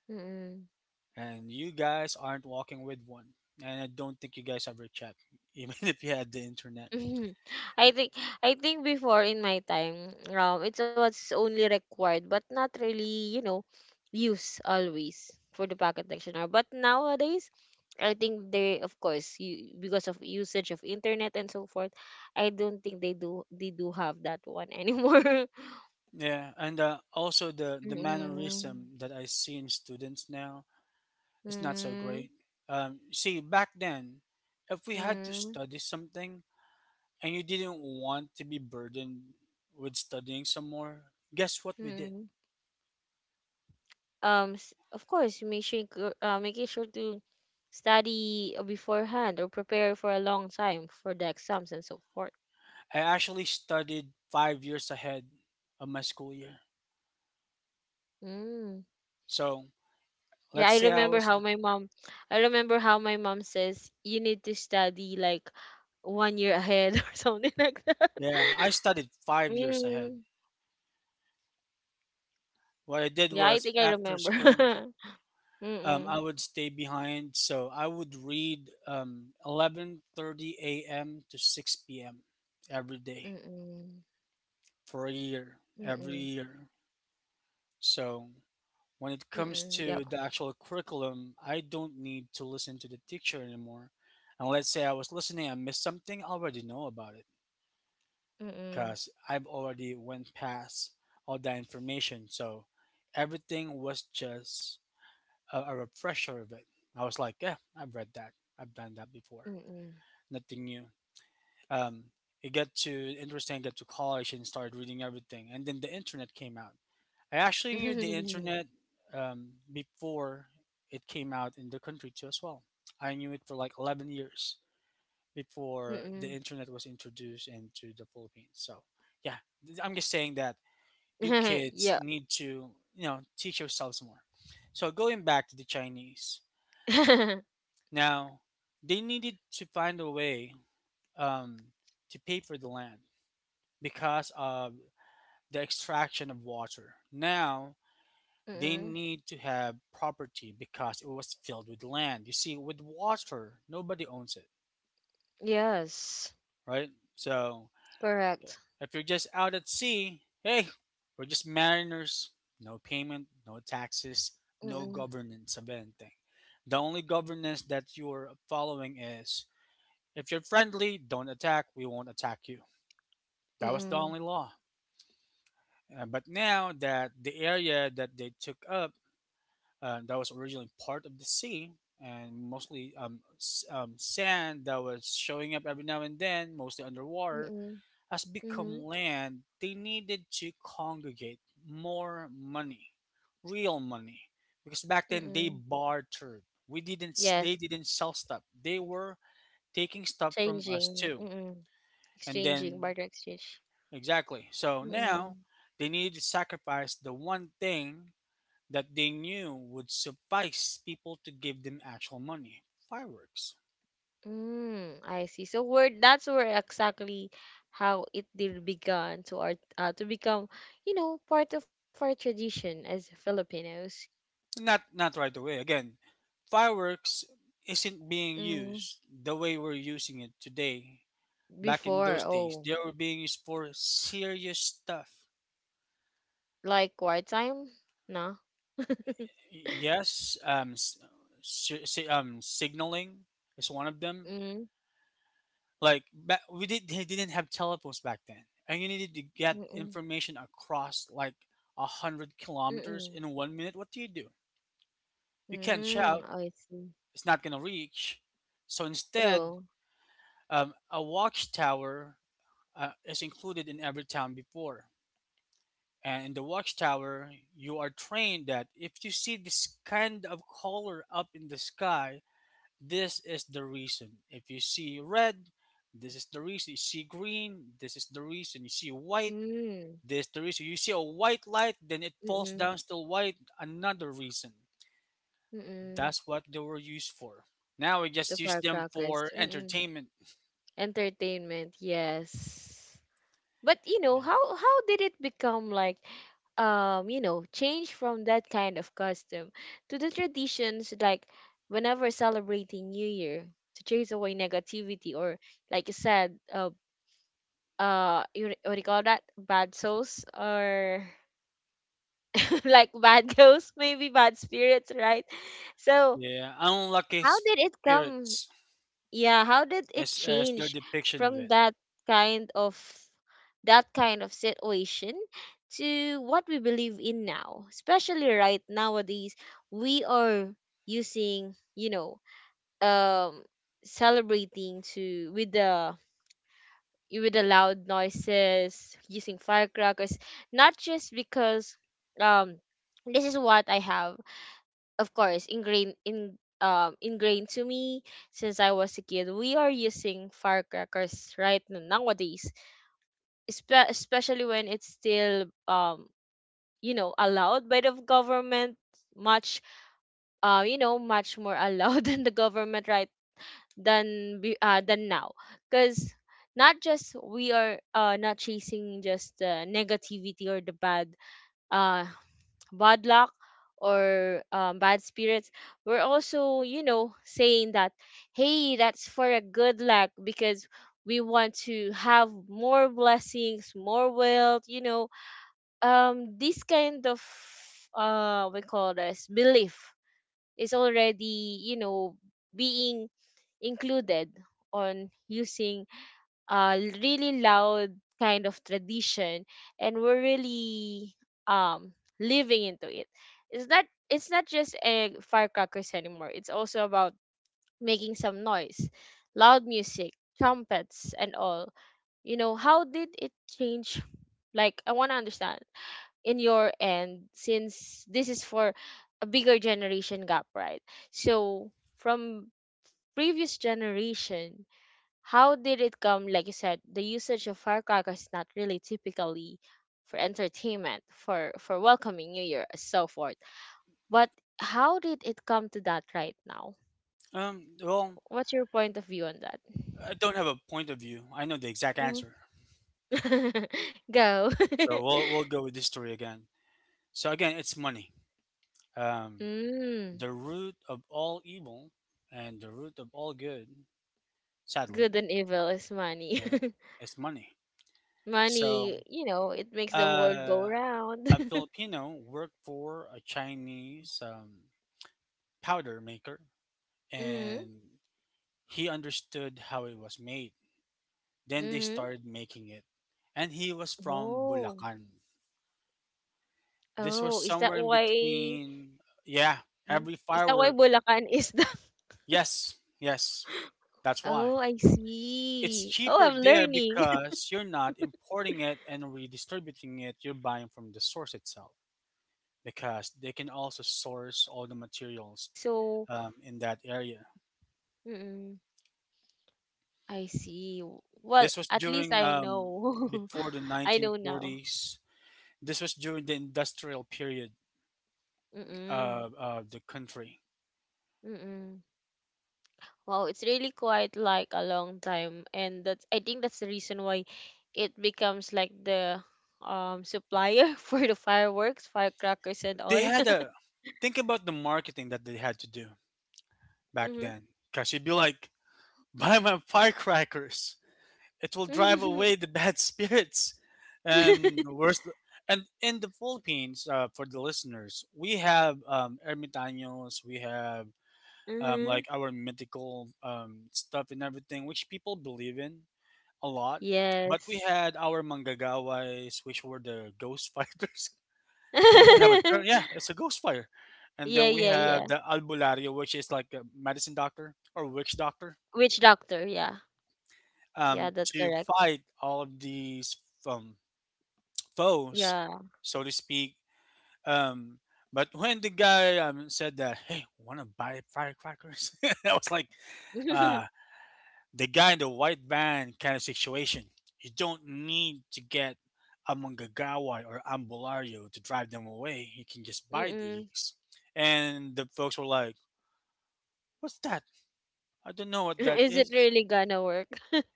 Speaker 1: mm.
Speaker 2: And you guys aren't walking with one. And I don't think you guys ever checked, even if you had the internet.
Speaker 1: Mhm. I think I think before in my time, um, it was only required but not really, you know, used always for the pocket dictionary. But nowadays, I think they, of course, you, because of usage of internet and so forth, I don't think they do they do have that one anymore.
Speaker 2: Yeah, and uh, also the the
Speaker 1: Mm-mm.
Speaker 2: mannerism that I see in students now is not so
Speaker 1: Mm-mm.
Speaker 2: great. Um, see, back then, if we had to study something, and you didn't want to be burdened with studying some more, guess what we did?
Speaker 1: Mm-mm. Um s- of course, make sure go- uh, making sure to study beforehand or prepare for a long time for the exams and so forth.
Speaker 2: I actually studied five years ahead of my school year.
Speaker 1: Mm.
Speaker 2: So
Speaker 1: Yeah,
Speaker 2: let's
Speaker 1: i
Speaker 2: say I
Speaker 1: remember
Speaker 2: was,
Speaker 1: how my mom I remember how my mom says you need to study like one year ahead or something like that.
Speaker 2: yeah, I studied five years
Speaker 1: Mm.
Speaker 2: ahead. What I did
Speaker 1: Yeah, I
Speaker 2: was
Speaker 1: think I
Speaker 2: after
Speaker 1: remember.
Speaker 2: school, um,
Speaker 1: Mm-mm.
Speaker 2: I would stay behind. So I would read um, eleven thirty a m to six p m every day
Speaker 1: Mm-mm.
Speaker 2: for a year, every
Speaker 1: Mm-mm.
Speaker 2: year. So when it comes
Speaker 1: Mm-mm. Yep.
Speaker 2: to the actual curriculum, I don't need to listen to the teacher anymore. And let's say I was listening and missed something, I already know about it
Speaker 1: Mm-mm.
Speaker 2: because I've already went past all that information. So everything was just a, a refresher of it. I was like, yeah, I've read that. I've done that before.
Speaker 1: Mm-mm.
Speaker 2: Nothing new. Um, it got to interesting. Got to college and started reading everything, and then the internet came out. I actually knew the internet um, before it came out in the country too as well. I knew it for like eleven years before the
Speaker 1: Mm-mm.
Speaker 2: internet was introduced into the Philippines. So yeah, th- I'm just saying that you kids
Speaker 1: Yeah.
Speaker 2: need to, you know, teach yourselves more. So going back to the Chinese now, they needed to find a way um, to pay for the land, because of the extraction of water. Now they
Speaker 1: Mm-mm.
Speaker 2: need to have property because it was filled with land. You see, with water, nobody owns it,
Speaker 1: Yes,
Speaker 2: right? So
Speaker 1: correct.
Speaker 2: if you're just out at sea, hey, we're just mariners, no payment, no taxes, no
Speaker 1: Mm-mm,
Speaker 2: governance of anything. The only governance that you're following is if you're friendly, don't attack, we won't attack you. That was the
Speaker 1: mm-mm,
Speaker 2: only law. Uh, but now that the area that they took up uh, that was originally part of the sea and mostly um, s- um, sand that was showing up every now and then, mostly underwater,
Speaker 1: mm-mm,
Speaker 2: has
Speaker 1: mm-hmm,
Speaker 2: become land. They needed to congregate more money, real money, because back then they
Speaker 1: mm-mm.
Speaker 2: bartered. We didn't. s- They
Speaker 1: Yes,
Speaker 2: didn't sell stuff. They were taking stuff from us
Speaker 1: changing,
Speaker 2: too,
Speaker 1: mm-mm,
Speaker 2: and
Speaker 1: exchanging,
Speaker 2: then
Speaker 1: barter exchange.
Speaker 2: exactly. So now
Speaker 1: Mm-mm.
Speaker 2: they needed to sacrifice the one thing that they knew would suffice people to give them actual money. Fireworks.
Speaker 1: Mm, I see. So where, that's where exactly how it did began to our uh, to become, you know, part of our tradition as Filipinos.
Speaker 2: Not, not right away. Again, fireworks isn't being
Speaker 1: Mm,
Speaker 2: used the way we're using it today. Back in
Speaker 1: before,
Speaker 2: those days,
Speaker 1: oh,
Speaker 2: they were being used for serious stuff.
Speaker 1: like quiet time? No.
Speaker 2: Yes, um, s- si- si- um, signaling is one of them.
Speaker 1: Mm,
Speaker 2: Like ba- we did, they didn't have telephones back then, and you needed to get
Speaker 1: mm-mm,
Speaker 2: information across like a hundred
Speaker 1: mm-mm.
Speaker 2: kilometers in one minute. What do you do? You can't
Speaker 1: Mm,
Speaker 2: shout,
Speaker 1: I see.
Speaker 2: it's not going to reach. So instead,
Speaker 1: True.
Speaker 2: um, a watchtower uh, is included in every town before. And in the watchtower, you are trained that if you see this kind of color up in the sky, this is the reason. If you see red, this is the reason. You see green, this is the reason. You see white,
Speaker 1: Mm,
Speaker 2: this is the reason. You see a white light, then it falls
Speaker 1: mm-mm,
Speaker 2: down still white, another reason.
Speaker 1: mm-mm.
Speaker 2: That's what they were used for. Now we
Speaker 1: The
Speaker 2: just use them
Speaker 1: firecrackers.
Speaker 2: for
Speaker 1: Mm-mm.
Speaker 2: entertainment.
Speaker 1: Entertainment, yes. But you know, how how did it become like um, you know, change from that kind of custom to the traditions like whenever celebrating New Year to chase away negativity, or like you said, uh uh you, what do you call that? Bad souls, or like bad ghosts, maybe bad spirits, right? So
Speaker 2: Yeah, unlucky
Speaker 1: how did it come?
Speaker 2: spirits
Speaker 1: Yeah, how did it
Speaker 2: as as their
Speaker 1: change
Speaker 2: depiction of
Speaker 1: from
Speaker 2: it.
Speaker 1: that kind of that kind of situation to what we believe in now, especially right nowadays we are using you know um celebrating to with the with the loud noises using firecrackers, not just because um this is what I have, of course, ingrained in um ingrained to me since I was a kid. We are using firecrackers right n- nowadays, espe- especially when it's still um you know allowed by the government, much uh you know much more allowed than the government, right, than be- uh than now, because not just we are uh not chasing just the negativity or the bad uh bad luck or um, bad spirits. We're also, you know, saying that, hey, that's for a good luck because we want to have more blessings, more wealth, you know. Um, this kind of, uh, we call this belief is already, you know, being included on using uh really loud kind of tradition, and we're really um living into it. It's not it's not just a firecrackers anymore, it's also about making some noise, loud music, trumpets, and all. You know how did it change? Like, I want to understand in your end, since this is for a bigger generation gap, right? So from previous generation, how did it come? Like you said, the usage of firecrackers is not really typically for entertainment, for for welcoming New Year, and so forth. But how did it come to that right now?
Speaker 2: Um, well,
Speaker 1: What's your point of view on that?
Speaker 2: I don't have a point of view. I know the exact
Speaker 1: Mhm.
Speaker 2: answer,
Speaker 1: Go.
Speaker 2: so we'll we'll go with this story again. So again, it's money. Um,
Speaker 1: Mm,
Speaker 2: the root of all evil and the root of all good,
Speaker 1: good
Speaker 2: sadly,
Speaker 1: and evil is money.
Speaker 2: yeah, is money. So,
Speaker 1: Money, you know, it makes the world go
Speaker 2: uh,
Speaker 1: round.
Speaker 2: a Filipino worked for a Chinese um, powder maker
Speaker 1: Mm-hmm.
Speaker 2: and he understood how it was made. Then they
Speaker 1: Mm-hmm.
Speaker 2: started making it. And he was from
Speaker 1: Oh.
Speaker 2: Bulacan. This was
Speaker 1: Oh, is that
Speaker 2: somewhere in
Speaker 1: why?
Speaker 2: between, yeah,
Speaker 1: Mm.
Speaker 2: every
Speaker 1: Is that why
Speaker 2: firework.
Speaker 1: Bulacan is the...
Speaker 2: Yes, yes, that's why.
Speaker 1: Oh, I
Speaker 2: It's
Speaker 1: see. Oh,
Speaker 2: cheaper
Speaker 1: I'm
Speaker 2: there
Speaker 1: learning.
Speaker 2: because you're not importing it and redistributing it, you're buying from the source
Speaker 1: Hmm.
Speaker 2: itself because they can also source all the
Speaker 1: That's why.
Speaker 2: materials
Speaker 1: So,
Speaker 2: um, in that area.
Speaker 1: mm I see. Well,
Speaker 2: This was
Speaker 1: at least
Speaker 2: during
Speaker 1: I
Speaker 2: um,
Speaker 1: know.
Speaker 2: before the
Speaker 1: I know now.
Speaker 2: nineteen forties. This was during the industrial period
Speaker 1: Mm-mm.
Speaker 2: of, of the country.
Speaker 1: Mm-mm. Wow, it's really quite like a long time, and that's, I think, that's the reason why it becomes like the um supplier for the fireworks, firecrackers, and
Speaker 2: They
Speaker 1: all.
Speaker 2: had a, think about the marketing that they had to do back
Speaker 1: Mm-hmm.
Speaker 2: then. Cause you'd be like, buy my firecrackers. It will drive away the bad spirits. And worst, and in the Philippines, uh, for the listeners, we have um, ermitaños, we have um,
Speaker 1: Mm-hmm.
Speaker 2: like our mythical um, stuff and everything, which people believe in a lot. But we
Speaker 1: Yes.
Speaker 2: had our manggagaways, which were the ghost fighters. Don't really have a term. Yeah, it's a ghost fighter. And
Speaker 1: Yeah,
Speaker 2: then we
Speaker 1: yeah, yeah.
Speaker 2: have the albulario, which is like a medicine doctor or witch doctor,
Speaker 1: Which doctor? Yeah. Yeah,
Speaker 2: um,
Speaker 1: that's
Speaker 2: to
Speaker 1: correct.
Speaker 2: fight all of these um, foes,
Speaker 1: Yeah.
Speaker 2: so to speak. Um, but when the guy um, said that, hey, want to buy firecrackers? I was like, uh, the guy in the white van kind of situation. You don't need to get a Mangagawa or Ambulario to drive them away. You can just buy
Speaker 1: Mm-mm.
Speaker 2: these. And the folks were like, "What's that? I don't know what that
Speaker 1: Is it
Speaker 2: is."
Speaker 1: really gonna work?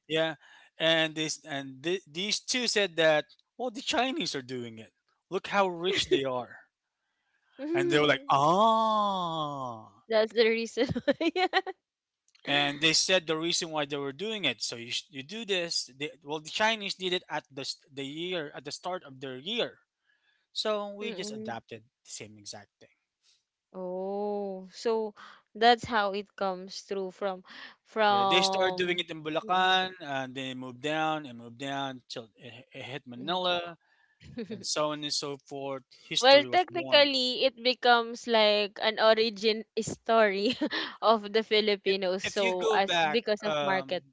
Speaker 2: Yeah, and this and th- these two said that, "Well, the Chinese are doing it. "Look how rich they are." And they were like, "Ah."
Speaker 1: That's the reason why.
Speaker 2: And they said the reason why they were doing it, so you, sh- you do this, they, well, the Chinese did it at the, st- the year at the start of their year. So we just
Speaker 1: Mm-mm.
Speaker 2: adapted the same exact thing.
Speaker 1: Oh, so that's how it comes through from
Speaker 2: Yeah, they started doing
Speaker 1: from
Speaker 2: it in
Speaker 1: Mm-mm.
Speaker 2: Bulacan, and then it moved down and moved down till it, it hit
Speaker 1: Mm-mm.
Speaker 2: Manila and so on and so forth.
Speaker 1: Well,
Speaker 2: History was born.
Speaker 1: technically, it becomes like an origin story of the
Speaker 2: if,
Speaker 1: Filipinos.
Speaker 2: if you
Speaker 1: So,
Speaker 2: go
Speaker 1: as
Speaker 2: back,
Speaker 1: because of
Speaker 2: um
Speaker 1: market,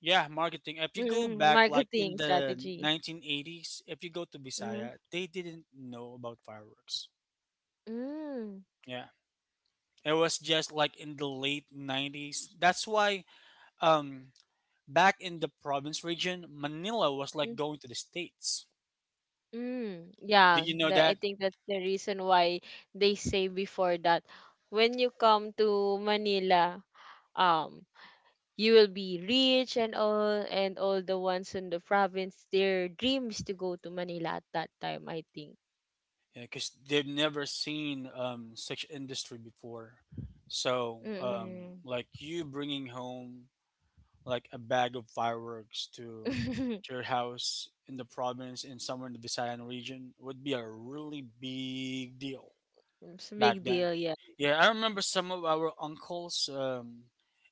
Speaker 2: yeah, marketing, if you go
Speaker 1: mm,
Speaker 2: back like in
Speaker 1: marketing
Speaker 2: the
Speaker 1: strategy.
Speaker 2: nineteen eighties, if you go to
Speaker 1: Mm.
Speaker 2: Bisaya, they didn't know about fireworks.
Speaker 1: Mm.
Speaker 2: Yeah, it was just like in the late nineties. That's why, um back in the province region, Manila was like
Speaker 1: Mm,
Speaker 2: going to the States.
Speaker 1: mm,
Speaker 2: Did
Speaker 1: yeah,
Speaker 2: you know
Speaker 1: The I
Speaker 2: that?
Speaker 1: think that's the reason why they say before that when you come to Manila, um, you will be rich and all, and all the ones in the province, their dream is to go to Manila at that time, I think.
Speaker 2: Yeah, because they've never seen um such industry before. So, um
Speaker 1: Mm-mm.
Speaker 2: like you bringing home like a bag of fireworks to to your house in the province, in somewhere in the Visayan region, would be a really big deal
Speaker 1: It's a
Speaker 2: back
Speaker 1: big
Speaker 2: then.
Speaker 1: deal, yeah.
Speaker 2: Yeah, I remember some of our uncles, um,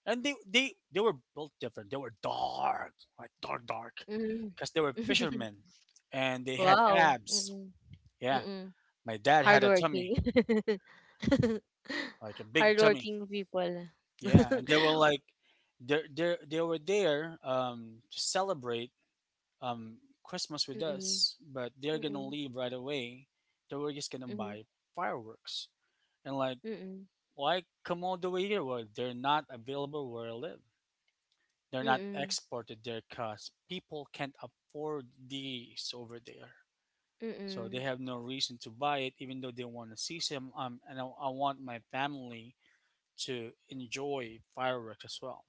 Speaker 2: and they they they were built different. They were dark, like dark, dark,
Speaker 1: Mm.
Speaker 2: because they were fishermen, and they had
Speaker 1: Wow.
Speaker 2: abs.
Speaker 1: Mm-mm.
Speaker 2: Yeah,
Speaker 1: Mm-mm.
Speaker 2: my dad had a tummy,
Speaker 1: Hardworking.
Speaker 2: like a big tummy.
Speaker 1: Hardworking people.
Speaker 2: Yeah, and they were like, they they they were there, um, to celebrate, um, Christmas with
Speaker 1: Mm-mm.
Speaker 2: us, but they're gonna
Speaker 1: Mm-mm.
Speaker 2: leave right away. They were just gonna
Speaker 1: Mhm.
Speaker 2: buy fireworks, and like
Speaker 1: Mm-mm.
Speaker 2: like Komodo either way, they're not available where I live. They're not
Speaker 1: Mm-mm.
Speaker 2: exported there because people can't afford these over there. So they
Speaker 1: Mm-mm.
Speaker 2: have no reason to buy it, even though they want to see some. Um, and I, I want my family to enjoy fireworks as well.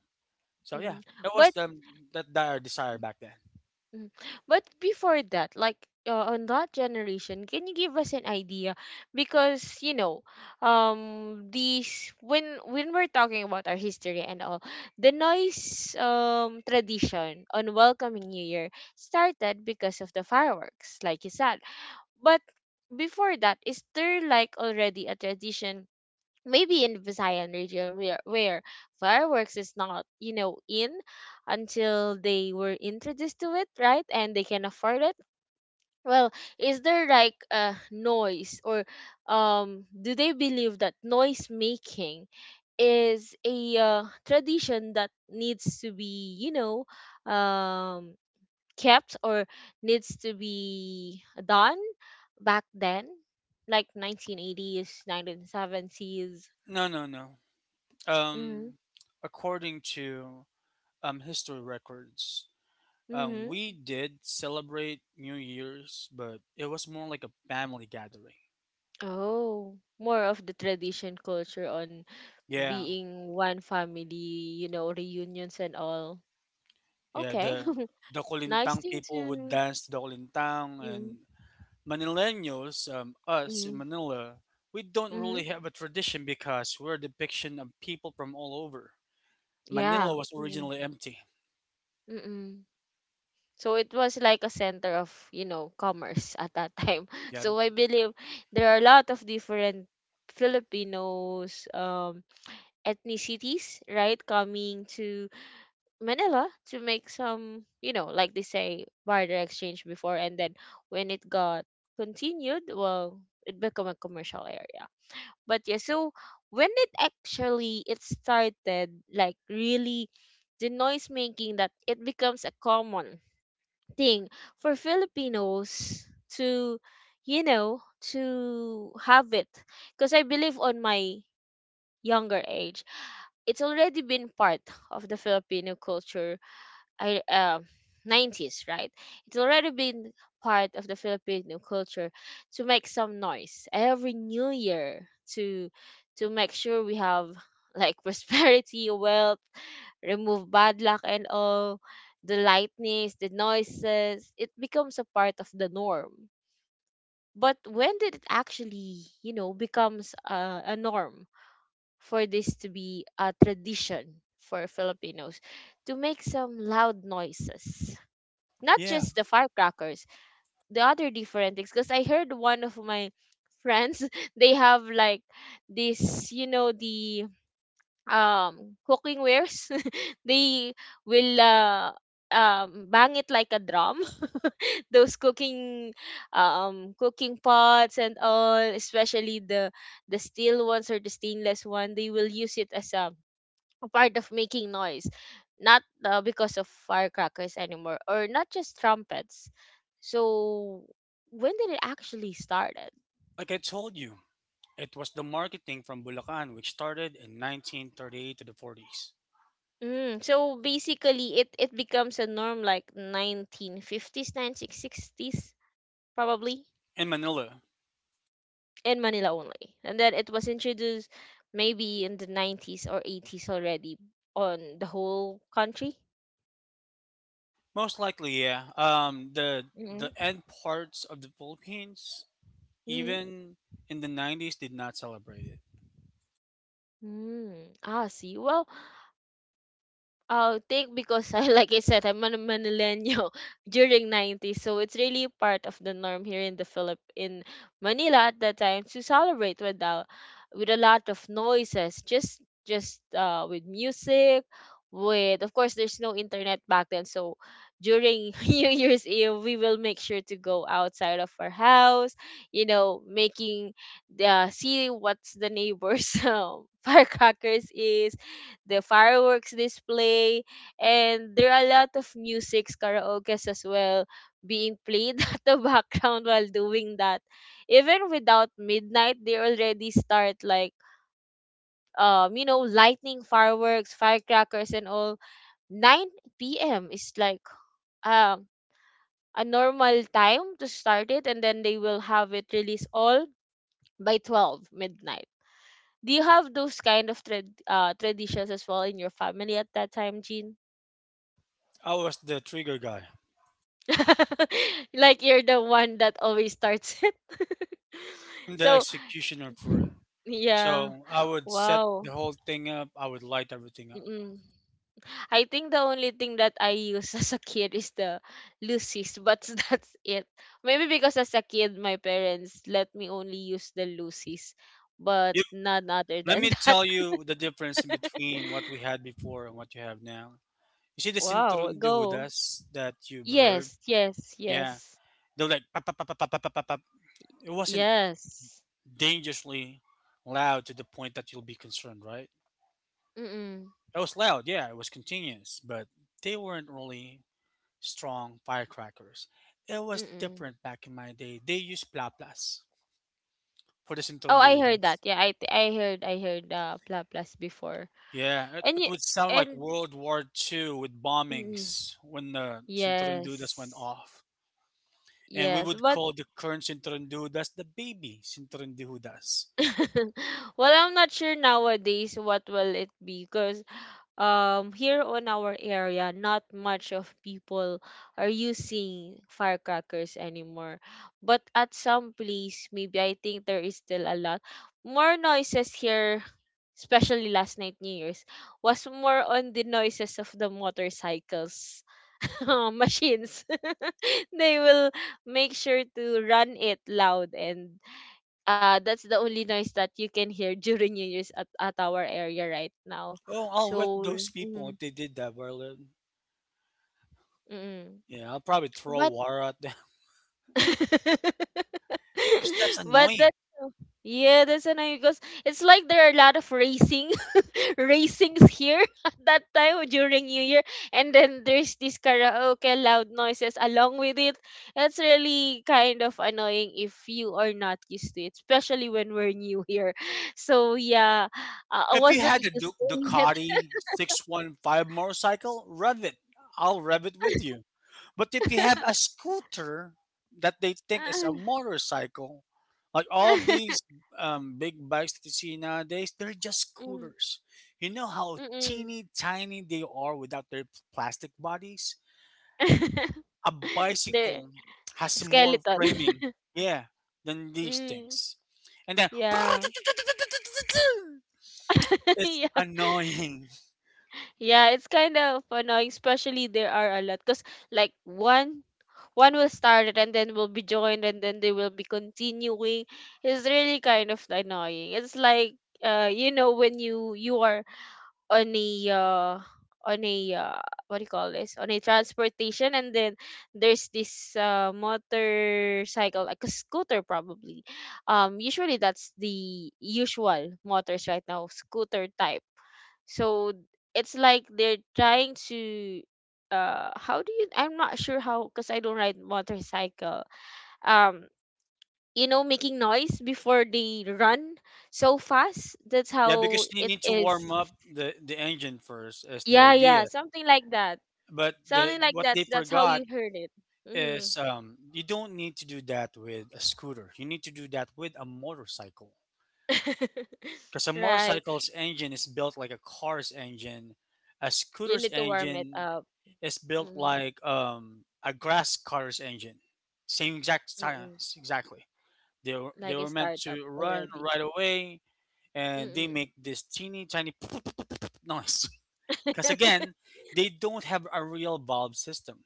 Speaker 2: So yeah,
Speaker 1: Mm-mm.
Speaker 2: that was
Speaker 1: But
Speaker 2: the that dire desire back then.
Speaker 1: mm, but before that, like uh, on that generation, can you give us an idea? Because you know, um, these when when we're talking about our history and all, the noise um tradition on welcoming New Year started because of the fireworks, like you said. But before that, is there like already a tradition maybe in Visayan region, where where fireworks is not, you know in until they were introduced to it, right, and they can afford it? Well, is there like a noise, or um do they believe that noise making is a uh, tradition that needs to be, you know um kept, or needs to be done back then, like nineteen eighties, nineteen seventies?
Speaker 2: No, no, no. Um, According to um history records, Um,
Speaker 1: Mhm.
Speaker 2: we did celebrate New Year's, but it was more like a family gathering.
Speaker 1: Oh, more of the tradition culture on
Speaker 2: Yeah,
Speaker 1: being one family, you know, reunions and all.
Speaker 2: yeah.
Speaker 1: Okay.
Speaker 2: The the
Speaker 1: Nice
Speaker 2: Kolintang
Speaker 1: thing
Speaker 2: people would
Speaker 1: to...
Speaker 2: dance to the Kolintang,
Speaker 1: Mm,
Speaker 2: and Manileños, um, us in
Speaker 1: mm,
Speaker 2: Manila, we don't
Speaker 1: mm-hmm.
Speaker 2: really have a tradition because we're a depiction of people from all over. Manila
Speaker 1: Yeah.
Speaker 2: was
Speaker 1: Mm,
Speaker 2: originally empty.
Speaker 1: mm-mm. So it was like a center of, you know, commerce at that time.
Speaker 2: Yeah,
Speaker 1: So I believe there are a lot of different Filipinos um ethnicities, right, coming to Manila to make some, you know, like they say, barter exchange before, and then when it got continued, well, it became a commercial area. But yeah, so when it actually it started, like really, the noise making that it becomes a common thing for Filipinos to, you know, to have it, because I believe on my younger age, it's already been part of the Filipino culture, I uh, nineties, right? It's already been part of the Filipino culture to make some noise every new year to to make sure we have like prosperity, wealth, remove bad luck, and all the lightnings, the noises, it becomes a part of the norm. But when did it actually, you know, becomes a, a norm for this to be a tradition for Filipinos to make some loud noises? Not
Speaker 2: yeah.
Speaker 1: just the firecrackers, the other different things. Because I heard one of my friends, they have like this, you know, the um cooking wares. They will uh, um bang it like a drum. Those cooking um cooking pots and all, especially the the steel ones or the stainless one, they will use it as a a part of making noise, not uh, because of firecrackers anymore, or not just trumpets. So when did it actually started?
Speaker 2: Like I told you, it was the marketing from Bulacan, which started in nineteen thirty-eight to the forties
Speaker 1: Mm, so basically, it it becomes a norm like nineteen fifties, nineteen sixties, probably
Speaker 2: in Manila.
Speaker 1: in Manila only, and then it was introduced maybe in the nineties or eighties already on the whole country.
Speaker 2: Most likely, yeah. Um, the
Speaker 1: Mm-hmm.
Speaker 2: the end parts of the Philippines,
Speaker 1: Mm-hmm.
Speaker 2: even in the nineties, did not celebrate it.
Speaker 1: Mm. Ah, see. Well, I will take because I like I said I'm a millennial during nineties, so it's really part of the norm here in the Philip in Manila at that time to celebrate with a, with a lot of noises just just uh with music, with, of course, there's no internet back then. So during New Year's Eve, we will make sure to go outside of our house, you know, making the see what's the neighbors. Um, firecrackers is the fireworks display, and there are a lot of musics, karaokes as well, being played at the background while doing that. Even without midnight, they already start like um, you know, lightning fireworks, firecrackers, and all. nine p m is like um a normal time to start it, and then they will have it released all by twelve midnight. Do you have those kind of trad uh, traditions as well in your family at that time, Jean?
Speaker 2: I was the trigger guy.
Speaker 1: Like you're the one that always starts it.
Speaker 2: I'm the
Speaker 1: So
Speaker 2: executioner for it.
Speaker 1: yeah,
Speaker 2: So I would set
Speaker 1: wow.
Speaker 2: the whole thing up. I would light everything up.
Speaker 1: Mm-mm. I think the only thing that I use as a kid is the Lucy's, but that's it. Maybe because as a kid, my parents let me only use the Lucy's, but
Speaker 2: You,
Speaker 1: none other
Speaker 2: Let
Speaker 1: than
Speaker 2: me
Speaker 1: that.
Speaker 2: tell you the difference in between what we had before and what you have now. You see the
Speaker 1: Wow,
Speaker 2: Sinturon
Speaker 1: go.
Speaker 2: Duhudas that you've heard?
Speaker 1: Yes, yes,
Speaker 2: Yeah.
Speaker 1: yes,
Speaker 2: They're like, pop, pop, pop, pop, pop, pop, pop, pop. It wasn't
Speaker 1: yes.
Speaker 2: dangerously loud to the point that you'll be concerned, right?
Speaker 1: Mm-mm,
Speaker 2: It was loud, yeah, it was continuous, but they weren't really strong firecrackers. It was
Speaker 1: mm-mm.
Speaker 2: different back in my day. They used plaplas for the
Speaker 1: Oh, I heard
Speaker 2: sintondudas.
Speaker 1: that. Yeah, I th- I heard I heard uh Pla Plus before.
Speaker 2: Yeah, it,
Speaker 1: And
Speaker 2: it
Speaker 1: y-
Speaker 2: would sound like
Speaker 1: and
Speaker 2: World War Two with
Speaker 1: mm,
Speaker 2: bombings when the sintondudas went
Speaker 1: yes.
Speaker 2: off. And we
Speaker 1: Yes,
Speaker 2: would
Speaker 1: but
Speaker 2: call the current sintondudas the baby sintondudas.
Speaker 1: well, I'm not sure nowadays what will it be because um here on our area, not much of people are using firecrackers anymore, but at some place, maybe I think there is still a lot more noises here, especially last night, new year's was more on the noises of the motorcycles. Machines they will make sure to run it loud and uh that's the only noise that you can hear during New Year's at, at our area right now.
Speaker 2: Oh, I'll wet
Speaker 1: So,
Speaker 2: those people
Speaker 1: mm,
Speaker 2: if they did that, Verlin.
Speaker 1: mm,
Speaker 2: Yeah, I'll probably throw
Speaker 1: but
Speaker 2: water at them because that's
Speaker 1: but
Speaker 2: annoying.
Speaker 1: that yeah, that's annoying because it's like there are a lot of racing racings here at that time during New Year. And then there's this karaoke loud noises along with it. That's really kind of annoying if you are not used to it, especially when we're new here. So yeah, uh, I
Speaker 2: If you
Speaker 1: wasn't
Speaker 2: had a
Speaker 1: used
Speaker 2: Duc-
Speaker 1: to it.
Speaker 2: Ducati six one five motorcycle, rev it. I'll rev it with you. But if you have a scooter that they think is a motorcycle, like all of these, um, big bikes that you see nowadays, they're just
Speaker 1: Mm,
Speaker 2: scooters. You know how
Speaker 1: mm-mm.
Speaker 2: teeny tiny they are without their plastic bodies? A
Speaker 1: The
Speaker 2: bicycle has more
Speaker 1: skeleton.
Speaker 2: framing, yeah, than these
Speaker 1: Mm,
Speaker 2: things. And then
Speaker 1: yeah.
Speaker 2: it's
Speaker 1: Yeah.
Speaker 2: annoying.
Speaker 1: Yeah, it's kind of annoying, especially there are a lot. Because, like, one, one will start it, and then will be joined, and then they will be continuing. It's really kind of annoying. It's like uh you know, when you you are on a uh on a uh, what do you call this, on a transportation, and then there's this uh motorcycle, like a scooter probably. Um usually that's the usual motors right now, scooter type. So it's like they're trying to uh how do you, I'm not sure how because I don't ride motorcycle. um you know, making noise before they run so fast, that's
Speaker 2: Yeah,
Speaker 1: how
Speaker 2: because they
Speaker 1: it
Speaker 2: need to
Speaker 1: is.
Speaker 2: warm up the the engine first is the
Speaker 1: Yeah, yeah,
Speaker 2: idea.
Speaker 1: something like that,
Speaker 2: But the
Speaker 1: something like
Speaker 2: what
Speaker 1: that.
Speaker 2: they
Speaker 1: That's how
Speaker 2: forgot
Speaker 1: you heard it. Hmm.
Speaker 2: is, um, you don't need to do that with a scooter. You need to do that with a motorcycle because a
Speaker 1: Right,
Speaker 2: motorcycle's engine is built like a car's engine. A
Speaker 1: you
Speaker 2: scooter's
Speaker 1: need to warm it
Speaker 2: engine
Speaker 1: up.
Speaker 2: is built
Speaker 1: Mm.
Speaker 2: like, um, a grass car's engine. Same exact
Speaker 1: Mm.
Speaker 2: science, exactly. They were, they
Speaker 1: Like a
Speaker 2: were meant
Speaker 1: startup
Speaker 2: to run
Speaker 1: already.
Speaker 2: right away, and they
Speaker 1: Mm-mm.
Speaker 2: make this teeny tiny noise. Because again, they don't have a real valve system.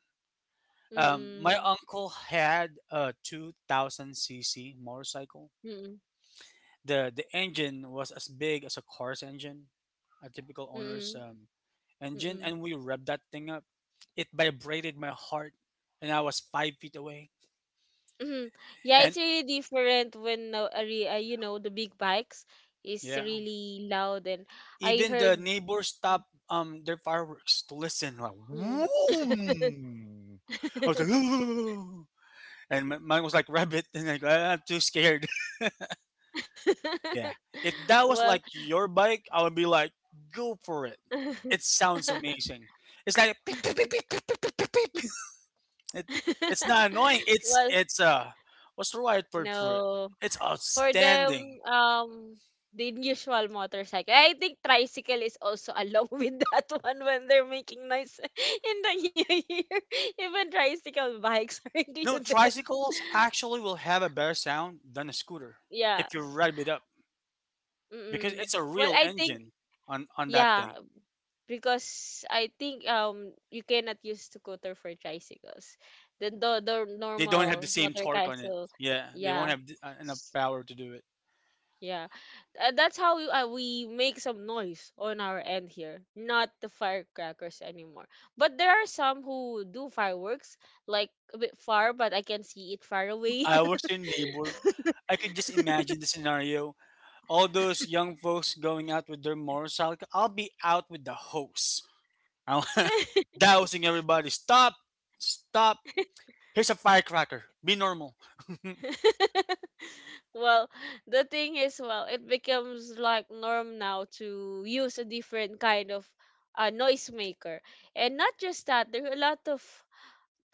Speaker 2: Um, my
Speaker 1: Mm-mm.
Speaker 2: uncle had a two thousand cc motorcycle.
Speaker 1: Mm-mm.
Speaker 2: The the engine was as big as a car's engine, a typical owner's,
Speaker 1: Mm-mm.
Speaker 2: um, engine,
Speaker 1: Mm-mm.
Speaker 2: and we revved that thing up. It vibrated my heart, and I was five feet away.
Speaker 1: Mhm. Yeah, it's
Speaker 2: And
Speaker 1: really different when uh, a re- uh, you know, the big bikes is
Speaker 2: yeah,
Speaker 1: really loud. And I
Speaker 2: even the
Speaker 1: heard.
Speaker 2: neighbors stopped um their fireworks to listen. Like,
Speaker 1: Mm.
Speaker 2: Vroom! I was like, "Ooh." And mi- mine was like rabbit, and like, "Ah, I'm too scared." Yeah, if that was
Speaker 1: Well.
Speaker 2: like your bike, I would be like, go for it. It sounds amazing. It's like beep, beep, beep, beep, beep, beep, beep, beep, beep. It, it's not annoying. It's
Speaker 1: Well,
Speaker 2: it's uh, what's the right word for it?
Speaker 1: no.
Speaker 2: It's
Speaker 1: For them,
Speaker 2: outstanding.
Speaker 1: um the usual motorcycle. I think tricycle is also along with that one when they're making noise in the new year. Even tricycle bikes are
Speaker 2: No,
Speaker 1: included.
Speaker 2: tricycles actually will have a better sound than a scooter
Speaker 1: Yeah.
Speaker 2: if you rev it up. Because
Speaker 1: Mm-mm.
Speaker 2: it's a
Speaker 1: Well,
Speaker 2: real
Speaker 1: I think
Speaker 2: engine on on that
Speaker 1: yeah,
Speaker 2: thing.
Speaker 1: because I think um you cannot use scooter for tricycles. The the, the
Speaker 2: They don't have the
Speaker 1: normal
Speaker 2: same
Speaker 1: motor
Speaker 2: torque on it.
Speaker 1: castle.
Speaker 2: Yeah, they won't
Speaker 1: Yeah.
Speaker 2: have th- uh, enough
Speaker 1: S-
Speaker 2: power to do it.
Speaker 1: Yeah. Uh, that's how we, uh, we make some noise on our end here. Not the firecrackers anymore. But there are some who do fireworks like a bit far, but I can see it far
Speaker 2: If
Speaker 1: away.
Speaker 2: I was your neighbor, I could just imagine the scenario. All those young folks going out with their motorcycle. I'll be out with the hose, I'll- dousing everybody. Stop, stop. Here's a firecracker. Be normal.
Speaker 1: Well, the thing is, well, it becomes like norm now to use a different kind of uh, noisemaker. And not just that, there are a lot of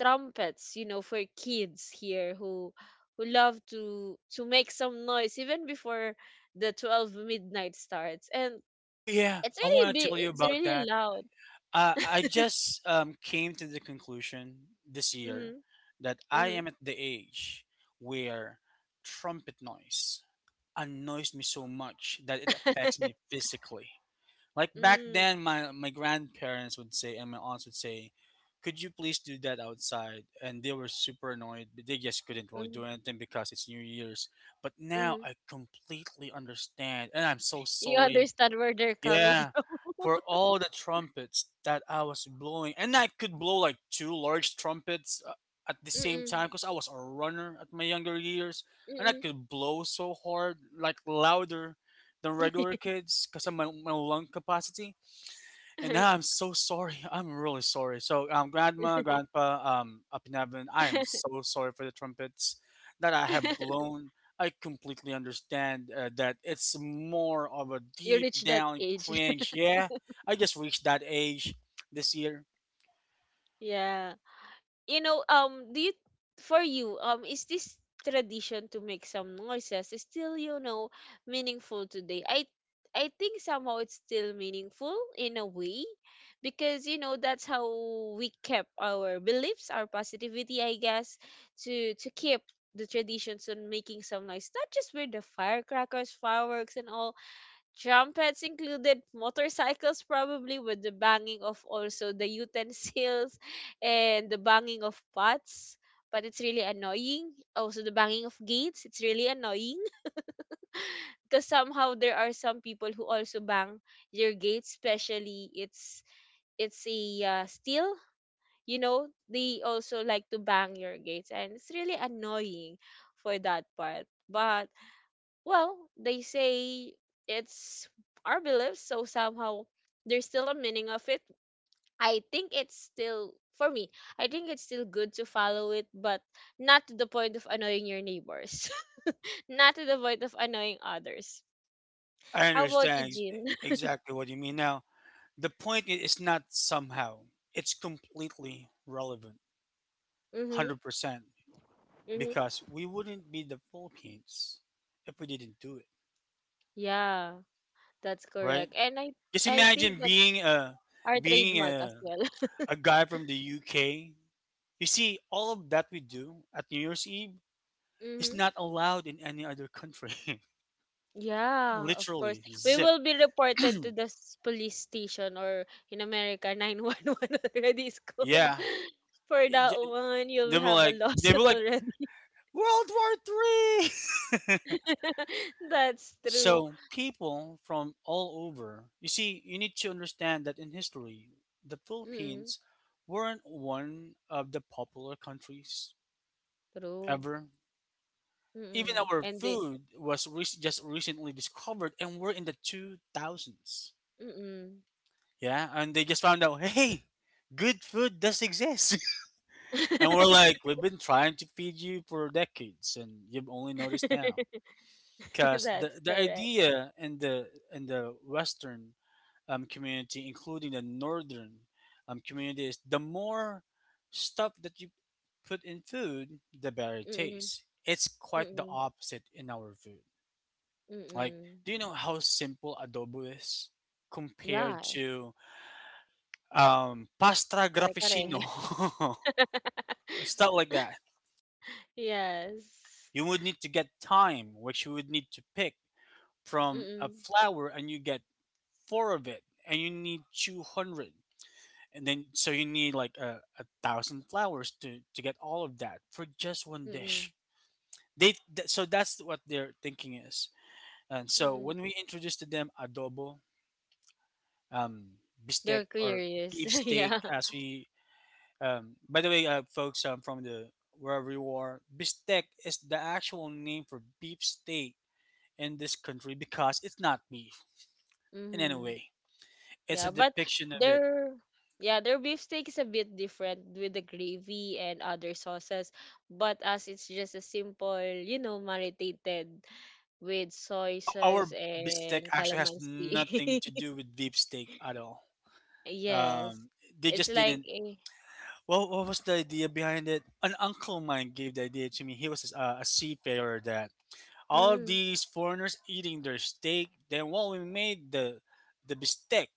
Speaker 1: trumpets, you know, for kids here who who love to to make some noise even before the twelve midnight starts. And
Speaker 2: Oh yeah,
Speaker 1: it's
Speaker 2: I
Speaker 1: really
Speaker 2: want to
Speaker 1: big,
Speaker 2: tell you
Speaker 1: it's
Speaker 2: about
Speaker 1: really
Speaker 2: that.
Speaker 1: loud.
Speaker 2: Uh, I just, um, came to the conclusion this year
Speaker 1: Mhm.
Speaker 2: that I am
Speaker 1: Mhm.
Speaker 2: at the age where trumpet noise annoys me so much that it affects me physically. Like back
Speaker 1: Mm,
Speaker 2: then, my, my grandparents would say, and my aunts would say, "Could you please do that outside?" And they were super annoyed, but they just couldn't really
Speaker 1: mm,
Speaker 2: do anything because it's New Year's. But now
Speaker 1: mm.
Speaker 2: I completely understand, and I'm so
Speaker 1: You
Speaker 2: sorry,
Speaker 1: understand where they're coming
Speaker 2: yeah,
Speaker 1: from.
Speaker 2: for all the trumpets that I was blowing, and I could blow like two large trumpets, uh, at the same time
Speaker 1: Mm-mm.
Speaker 2: because I was a runner at my younger years, and I
Speaker 1: Mm-mm.
Speaker 2: could blow so hard, like louder than regular kids, because of my, my lung capacity. And now I'm so sorry. I'm really sorry. So, um, grandma, grandpa, um, up in heaven, I am so sorry for the trumpets that I have blown. I completely understand, uh, that it's more of a
Speaker 1: You
Speaker 2: deep
Speaker 1: reach that
Speaker 2: down
Speaker 1: age.
Speaker 2: cringe. Yeah, I just reached that age this year.
Speaker 1: Yeah. You know, um, do you for you, um, is this tradition to make some noises is still, you know, meaningful today? I I think somehow it's still meaningful in a way because you know that's how we kept our beliefs, our positivity, I guess, to to keep the traditions on making some noise. Not just with the firecrackers, fireworks and all, trumpets included, motorcycles, probably with the banging of also the utensils, and the banging of pots. But it's really annoying. Also, the banging of gates, it's really annoying because somehow there are some people who also bang your gates, especially it's it's a uh, steel. You know, they also like to bang your gates, and it's really annoying for that part. But well, they say it's our beliefs, so somehow there's still a meaning of it. I think it's still for me. I think it's still good to follow it, but not to the point of annoying your neighbors, not to the point of annoying others.
Speaker 2: I
Speaker 1: How about
Speaker 2: understand
Speaker 1: you,
Speaker 2: ex-
Speaker 1: Jean?
Speaker 2: exactly what you mean. Now, the point i- is not somehow, it's completely relevant,
Speaker 1: Mhm,
Speaker 2: one hundred percent,
Speaker 1: mhm.
Speaker 2: because we wouldn't be the Philippines if we didn't do it,
Speaker 1: Yeah, that's
Speaker 2: right?
Speaker 1: correct, and I
Speaker 2: Just
Speaker 1: I
Speaker 2: imagine
Speaker 1: think that's
Speaker 2: being a
Speaker 1: our
Speaker 2: being
Speaker 1: trademark as
Speaker 2: a
Speaker 1: well.
Speaker 2: a guy from the U K. You see, all of that we do at New Year's Eve is
Speaker 1: Mm-hmm.
Speaker 2: not allowed in any other country.
Speaker 1: Yeah, of
Speaker 2: Literally,
Speaker 1: course. We
Speaker 2: zip.
Speaker 1: will be reported to the s- police station or in America, nine one one already is
Speaker 2: Yeah,
Speaker 1: called. For that
Speaker 2: Y-
Speaker 1: one,
Speaker 2: they
Speaker 1: you'll
Speaker 2: were
Speaker 1: have a
Speaker 2: like they were
Speaker 1: lawsuit
Speaker 2: like
Speaker 1: already.
Speaker 2: World War Three.
Speaker 1: That's true.
Speaker 2: So people from all over. You see, you need to understand that in history, the
Speaker 1: Mm-mm,
Speaker 2: Philippines weren't one of the popular countries
Speaker 1: true.
Speaker 2: ever. Even
Speaker 1: Mm-mm.
Speaker 2: our
Speaker 1: And they,
Speaker 2: food was rec- just recently discovered, and we're in the two thousands.
Speaker 1: mm-mm.
Speaker 2: Yeah, and they just found out, "Hey, good food does exist," and we're like, we've been trying to feed you for decades, and you've only noticed now. Because the
Speaker 1: That's
Speaker 2: the
Speaker 1: correct.
Speaker 2: idea in the in the Western, um, community, including the Northern, um, community, is the more stuff that you put in food, the better it
Speaker 1: Mm-mm,
Speaker 2: tastes. It's quite the
Speaker 1: mm-mm,
Speaker 2: opposite in our food. Like,
Speaker 1: mm-mm.
Speaker 2: do you know how simple adobo is compared
Speaker 1: Yeah,
Speaker 2: to, um, pasta
Speaker 1: kare kare.
Speaker 2: graficino? Stuff like that.
Speaker 1: Yes.
Speaker 2: You would need to get thyme, which you would need to pick from a
Speaker 1: Mm-mm,
Speaker 2: flower, and you get four of it, and you need two hundred. And then, so you need like a, a thousand flowers to, to get all of that for just one
Speaker 1: mm-mm,
Speaker 2: dish. They th- so that's what their thinking is. And so when
Speaker 1: mm-mm.
Speaker 2: we introduce to them adobo, um, bistec
Speaker 1: They're
Speaker 2: or beef
Speaker 1: curious.
Speaker 2: steak,
Speaker 1: Yeah.
Speaker 2: as we, um, by the way, uh, folks, um, from the, wherever you are, bistec is the actual name for beef steak in this country because it's not beef in any
Speaker 1: Hmm.
Speaker 2: way. It's a
Speaker 1: Yeah, but
Speaker 2: depiction of it.
Speaker 1: their yeah, their beefsteak is a bit different with the gravy and other sauces. But as it's just a simple, you know, marinated with soy
Speaker 2: Our, our
Speaker 1: sauce
Speaker 2: bistec
Speaker 1: and
Speaker 2: actually has nothing
Speaker 1: calamansi.
Speaker 2: to do with beef steak at all.
Speaker 1: Yes.
Speaker 2: um, they just
Speaker 1: It's
Speaker 2: didn't.
Speaker 1: like a,
Speaker 2: Well, what was the idea behind it? An uncle of mine gave the idea to me. He was a, a seafarer, that all of
Speaker 1: mm,
Speaker 2: these foreigners eating their steak, then what we made, the the bistec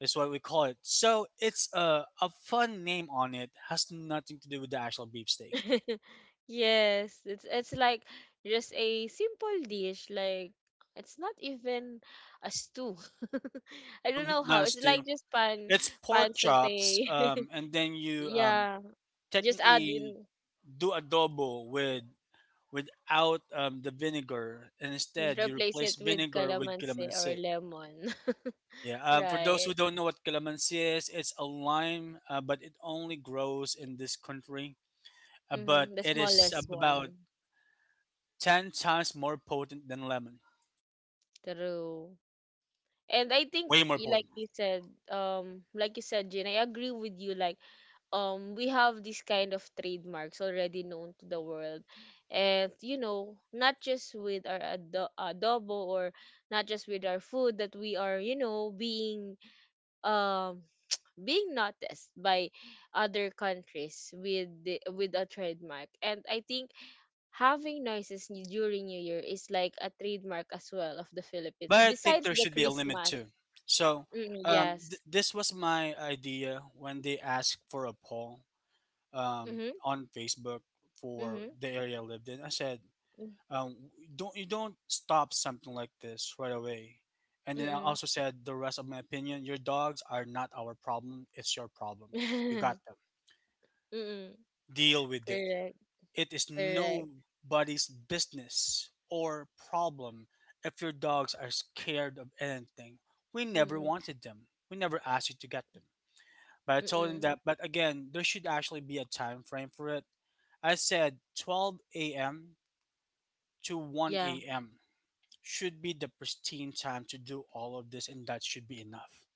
Speaker 2: is what we call it. So it's a a fun name on it. Has nothing to do with the actual beefsteak.
Speaker 1: yes, it's it's like just a simple dish. Like it's not even a stew. I
Speaker 2: No,
Speaker 1: don't
Speaker 2: n-
Speaker 1: know
Speaker 2: not
Speaker 1: how.
Speaker 2: a
Speaker 1: It's
Speaker 2: stew.
Speaker 1: like just pan
Speaker 2: It's pork
Speaker 1: pan
Speaker 2: chops,
Speaker 1: satay.
Speaker 2: um, and then you, um,
Speaker 1: Yeah, just add
Speaker 2: technically
Speaker 1: in,
Speaker 2: do adobo with without, um, the vinegar, and instead you
Speaker 1: replace
Speaker 2: replace
Speaker 1: it with
Speaker 2: vinegar with
Speaker 1: calamansi
Speaker 2: calamansi.
Speaker 1: or lemon.
Speaker 2: Yeah, um, for those who
Speaker 1: Right.
Speaker 2: don't know what calamansi is, it's a lime, uh, but it only grows in this country. Uh, but
Speaker 1: Mm-hmm. The
Speaker 2: it is
Speaker 1: smallest
Speaker 2: about
Speaker 1: one.
Speaker 2: ten times more potent than lemon.
Speaker 1: True. And I think,
Speaker 2: Way more
Speaker 1: y-
Speaker 2: potent.
Speaker 1: like you said, um, like you said, Jane, I agree with you. Like, um we have this kind of trademarks already known to the world, and you know, not just with our ado- adobo or not just with our food that we are, you know, being um being noticed by other countries with the, with a trademark. And I think having noises ni- during new year is like a trademark as well of the
Speaker 2: But
Speaker 1: philippines,
Speaker 2: I think
Speaker 1: besides
Speaker 2: there
Speaker 1: the
Speaker 2: should be a limit
Speaker 1: christmas.
Speaker 2: too. So,
Speaker 1: Mm,
Speaker 2: um, th-
Speaker 1: yes.
Speaker 2: this was my idea when they asked for a poll, um,
Speaker 1: Mhm.
Speaker 2: on Facebook for
Speaker 1: Mhm.
Speaker 2: the area I lived in. I said,
Speaker 1: Mm.
Speaker 2: um, don't, you don't stop something like this right away. And then I
Speaker 1: Mm-mm.
Speaker 2: also said the rest of my opinion. Your dogs are not our problem. It's your problem. You got them.
Speaker 1: Mm-mm.
Speaker 2: Deal with it.
Speaker 1: Correct.
Speaker 2: It is
Speaker 1: Correct.
Speaker 2: nobody's business or problem if your dogs are scared of anything. We never
Speaker 1: Mm-mm.
Speaker 2: wanted them. We never asked you to get them. But I told him
Speaker 1: Mm-mm.
Speaker 2: that, but again, there should actually be a time frame for it. I said twelve a m to
Speaker 1: Yeah.
Speaker 2: one a m should be the pristine time to do all of this, and that should be enough.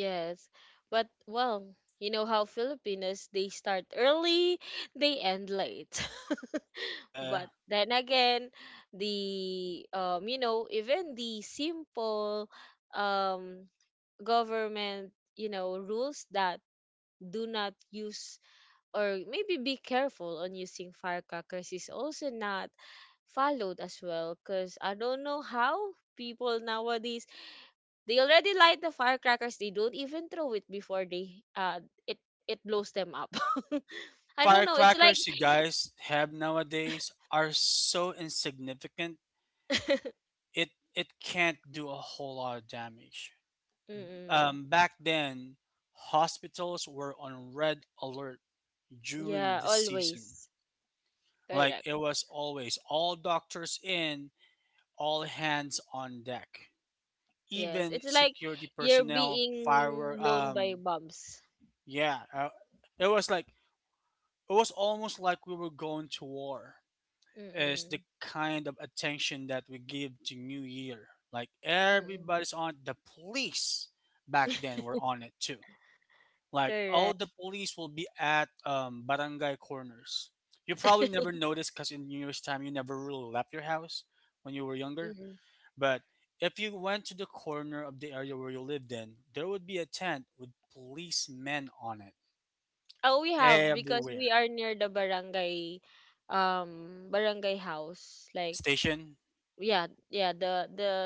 Speaker 1: Yes. But well, you know how Filipinos, they start early, they end late.
Speaker 2: Yeah.
Speaker 1: But then again, the um you know, even the simple um government, you know, rules that do not use or maybe be careful on using firecrackers is also not followed as well because I don't know how people nowadays. They already light the firecrackers. They don't even throw it before they uh it it blows them up.
Speaker 2: The
Speaker 1: I don't know. It's like
Speaker 2: firecrackers you guys have nowadays are so insignificant it it can't do a whole lot of damage.
Speaker 1: mm-mm.
Speaker 2: Um, back then, hospitals were on red alert during
Speaker 1: Yeah,
Speaker 2: this season.
Speaker 1: always.
Speaker 2: Like
Speaker 1: Correct.
Speaker 2: it was always all doctors in, all hands on deck.
Speaker 1: Yes.
Speaker 2: Even
Speaker 1: It's like
Speaker 2: security
Speaker 1: you're
Speaker 2: personnel, firework.
Speaker 1: being blown by
Speaker 2: Um,
Speaker 1: bombs.
Speaker 2: yeah, uh, it was like it was almost like we were going to war, is the
Speaker 1: Mm-mm.
Speaker 2: kind of attention that we give to New Year. Like
Speaker 1: Mm-mm.
Speaker 2: everybody's on the police back then were on it too. Like all
Speaker 1: Correct.
Speaker 2: the police will be at, um, barangay corners. You probably never noticed because in New Year's time you never really left your house when you were younger.
Speaker 1: Mm-mm.
Speaker 2: But if you went to the corner of the area where you lived in, there would be a tent with policemen on it
Speaker 1: Oh, we have because
Speaker 2: everywhere.
Speaker 1: we are near the barangay um barangay house. Like,
Speaker 2: Station,
Speaker 1: yeah, yeah, the the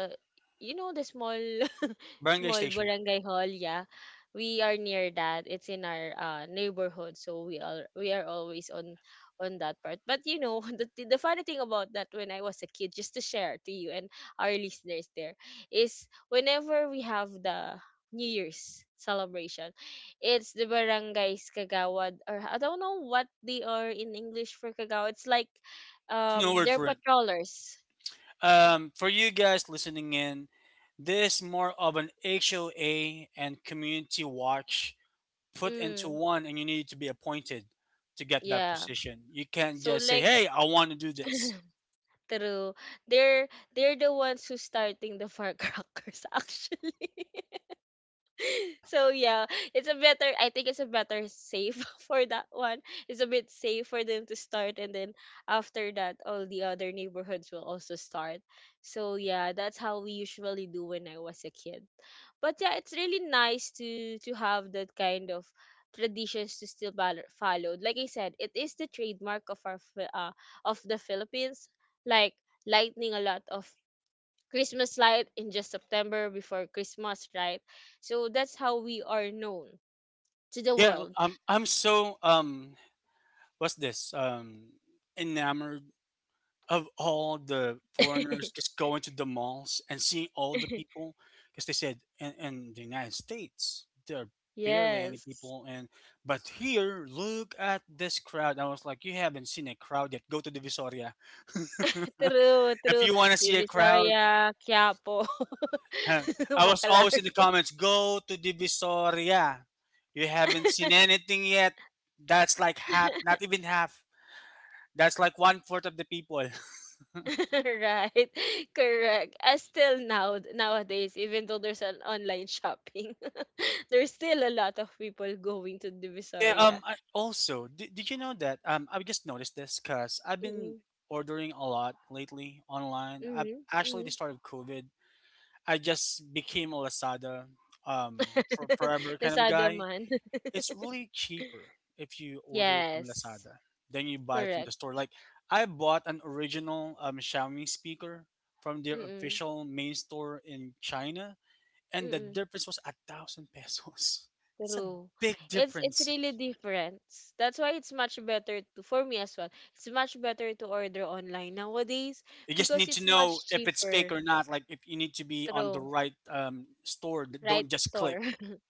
Speaker 1: you know the small.
Speaker 2: barangay
Speaker 1: Small
Speaker 2: station.
Speaker 1: barangay hall, yeah. We are near that. It's in our uh, neighborhood, so we are, we are always on on that part. But you know, the the funny thing about that when I was a kid, just to share to you and our listeners there, is whenever we have the New Year's celebration, it's the barangays kagawad, or I don't know what they are in English for kagawad. It's like
Speaker 2: There's no
Speaker 1: um
Speaker 2: word
Speaker 1: they're
Speaker 2: for it.
Speaker 1: patrollers.
Speaker 2: Um, for you guys listening in, this is more of an H O A and community watch put into
Speaker 1: Mm,
Speaker 2: one, and you need to be appointed to get that
Speaker 1: yeah.
Speaker 2: position. You can't
Speaker 1: So
Speaker 2: just say,
Speaker 1: like,
Speaker 2: "Hey, I want to do this."
Speaker 1: true. They're they're the ones who's starting the firecrackers actually. So yeah, it's a better, I think it's a better safe for that one. It's a bit safe for them to start, and then after that all the other neighborhoods will also start. So yeah, that's how we usually do when I was a kid. But yeah, it's really nice to to have that kind of traditions to still bal- followed. Like I said, it is the trademark of our Fi- uh, of the Philippines, like lighting a lot of Christmas light in just September before Christmas, right? So that's how we are known to the
Speaker 2: Yeah,
Speaker 1: world.
Speaker 2: I'm. I'm so um. What's this? Um, enamored of all the foreigners just going to the malls and seeing all the people, because they said in, in the United States there are barely any
Speaker 1: Yes.
Speaker 2: people, and but here, look at this crowd. I was like, "You haven't seen a crowd yet, go to the Visoria,"
Speaker 1: True,
Speaker 2: if
Speaker 1: true.
Speaker 2: you want to see a crowd.
Speaker 1: Divisoria, Quiapo,
Speaker 2: Huh, I was
Speaker 1: Bacalar.
Speaker 2: always in the comments, "Go to the Visoria, you haven't seen anything yet, that's like half, not even half, that's like one fourth of the people."
Speaker 1: Right, correct, as still now nowadays, even though there's an online shopping, there's still a lot of people going to
Speaker 2: Oh yeah. Um.
Speaker 1: divisoria.
Speaker 2: I, also, did, did you know that? Um. I just noticed this because I've
Speaker 1: Mm-hmm,
Speaker 2: been ordering a lot lately online. I,
Speaker 1: mm-hmm,
Speaker 2: actually,
Speaker 1: mm-hmm.
Speaker 2: the start of COVID, I just became a Lazada, um, for forever kind of
Speaker 1: Nasado
Speaker 2: guy.
Speaker 1: man.
Speaker 2: It's really cheaper if you order it from
Speaker 1: Yes,
Speaker 2: Lazada than you buy it from
Speaker 1: correct.
Speaker 2: the store. Like, I bought an original um Xiaomi speaker from their
Speaker 1: Mm-mm,
Speaker 2: official main store in China, and the
Speaker 1: mm-mm,
Speaker 2: difference was a thousand pesos. It's a
Speaker 1: true.
Speaker 2: big
Speaker 1: It's it's
Speaker 2: difference.
Speaker 1: really different. That's why it's much better to for me as well. It's much better to order online nowadays
Speaker 2: You just
Speaker 1: because
Speaker 2: need to
Speaker 1: it's
Speaker 2: know
Speaker 1: much
Speaker 2: if it's fake
Speaker 1: cheaper.
Speaker 2: or not. Like if you need to be on the
Speaker 1: True.
Speaker 2: right, um, store, d- don't
Speaker 1: Right
Speaker 2: just click.
Speaker 1: store.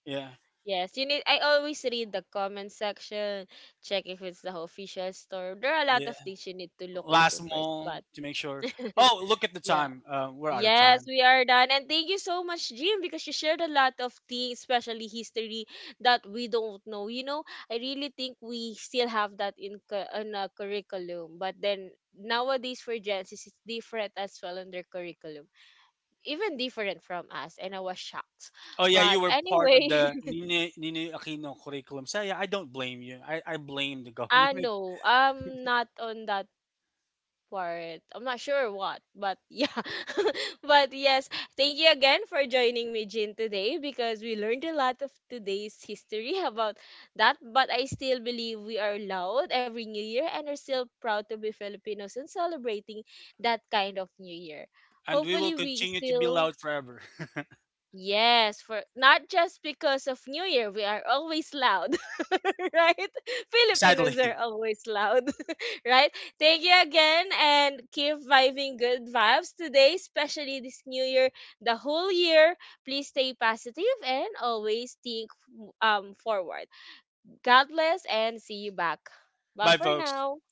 Speaker 2: Yeah,
Speaker 1: Yes, you need. I always read the comment section, check if it's the official store. There are a lot
Speaker 2: yeah.
Speaker 1: of things you need to look into
Speaker 2: Last
Speaker 1: first,
Speaker 2: mall
Speaker 1: but
Speaker 2: to make sure. Oh, look at the
Speaker 1: yeah.
Speaker 2: time. Uh, we're out of
Speaker 1: Yes,
Speaker 2: time.
Speaker 1: we are done. And thank you so much, Jim, because you shared a lot of things, especially history that we don't know. You know, I really think we still have that in cu- in a curriculum, but then nowadays for Gen Z, it's different as well in their curriculum, even different from us. And I was shocked.
Speaker 2: Oh yeah,
Speaker 1: But
Speaker 2: you were part
Speaker 1: anyway,
Speaker 2: of the Nini, Nini Aquino curriculum. So yeah, I don't blame you. I, I blame the
Speaker 1: ah,
Speaker 2: government,
Speaker 1: no. I'm not on that part. I'm not sure what, but yeah. But yes, thank you again for joining me, Jin, today, because we learned a lot of today's history about that. But I still believe we are loud every New Year and are still proud to be Filipinos and celebrating that kind of New Year.
Speaker 2: and we will
Speaker 1: Hopefully, we
Speaker 2: continue to be
Speaker 1: still.
Speaker 2: loud forever.
Speaker 1: Yes, for not just because of New Year, we are always loud, right?
Speaker 2: Yeah, sadly.
Speaker 1: Filipinos are always loud, right? Thank you again, and keep vibing good vibes today, especially this new year, the whole year. Please stay positive and always think um forward. God bless and see you back. Bye
Speaker 2: Bye,
Speaker 1: for
Speaker 2: folks.
Speaker 1: now.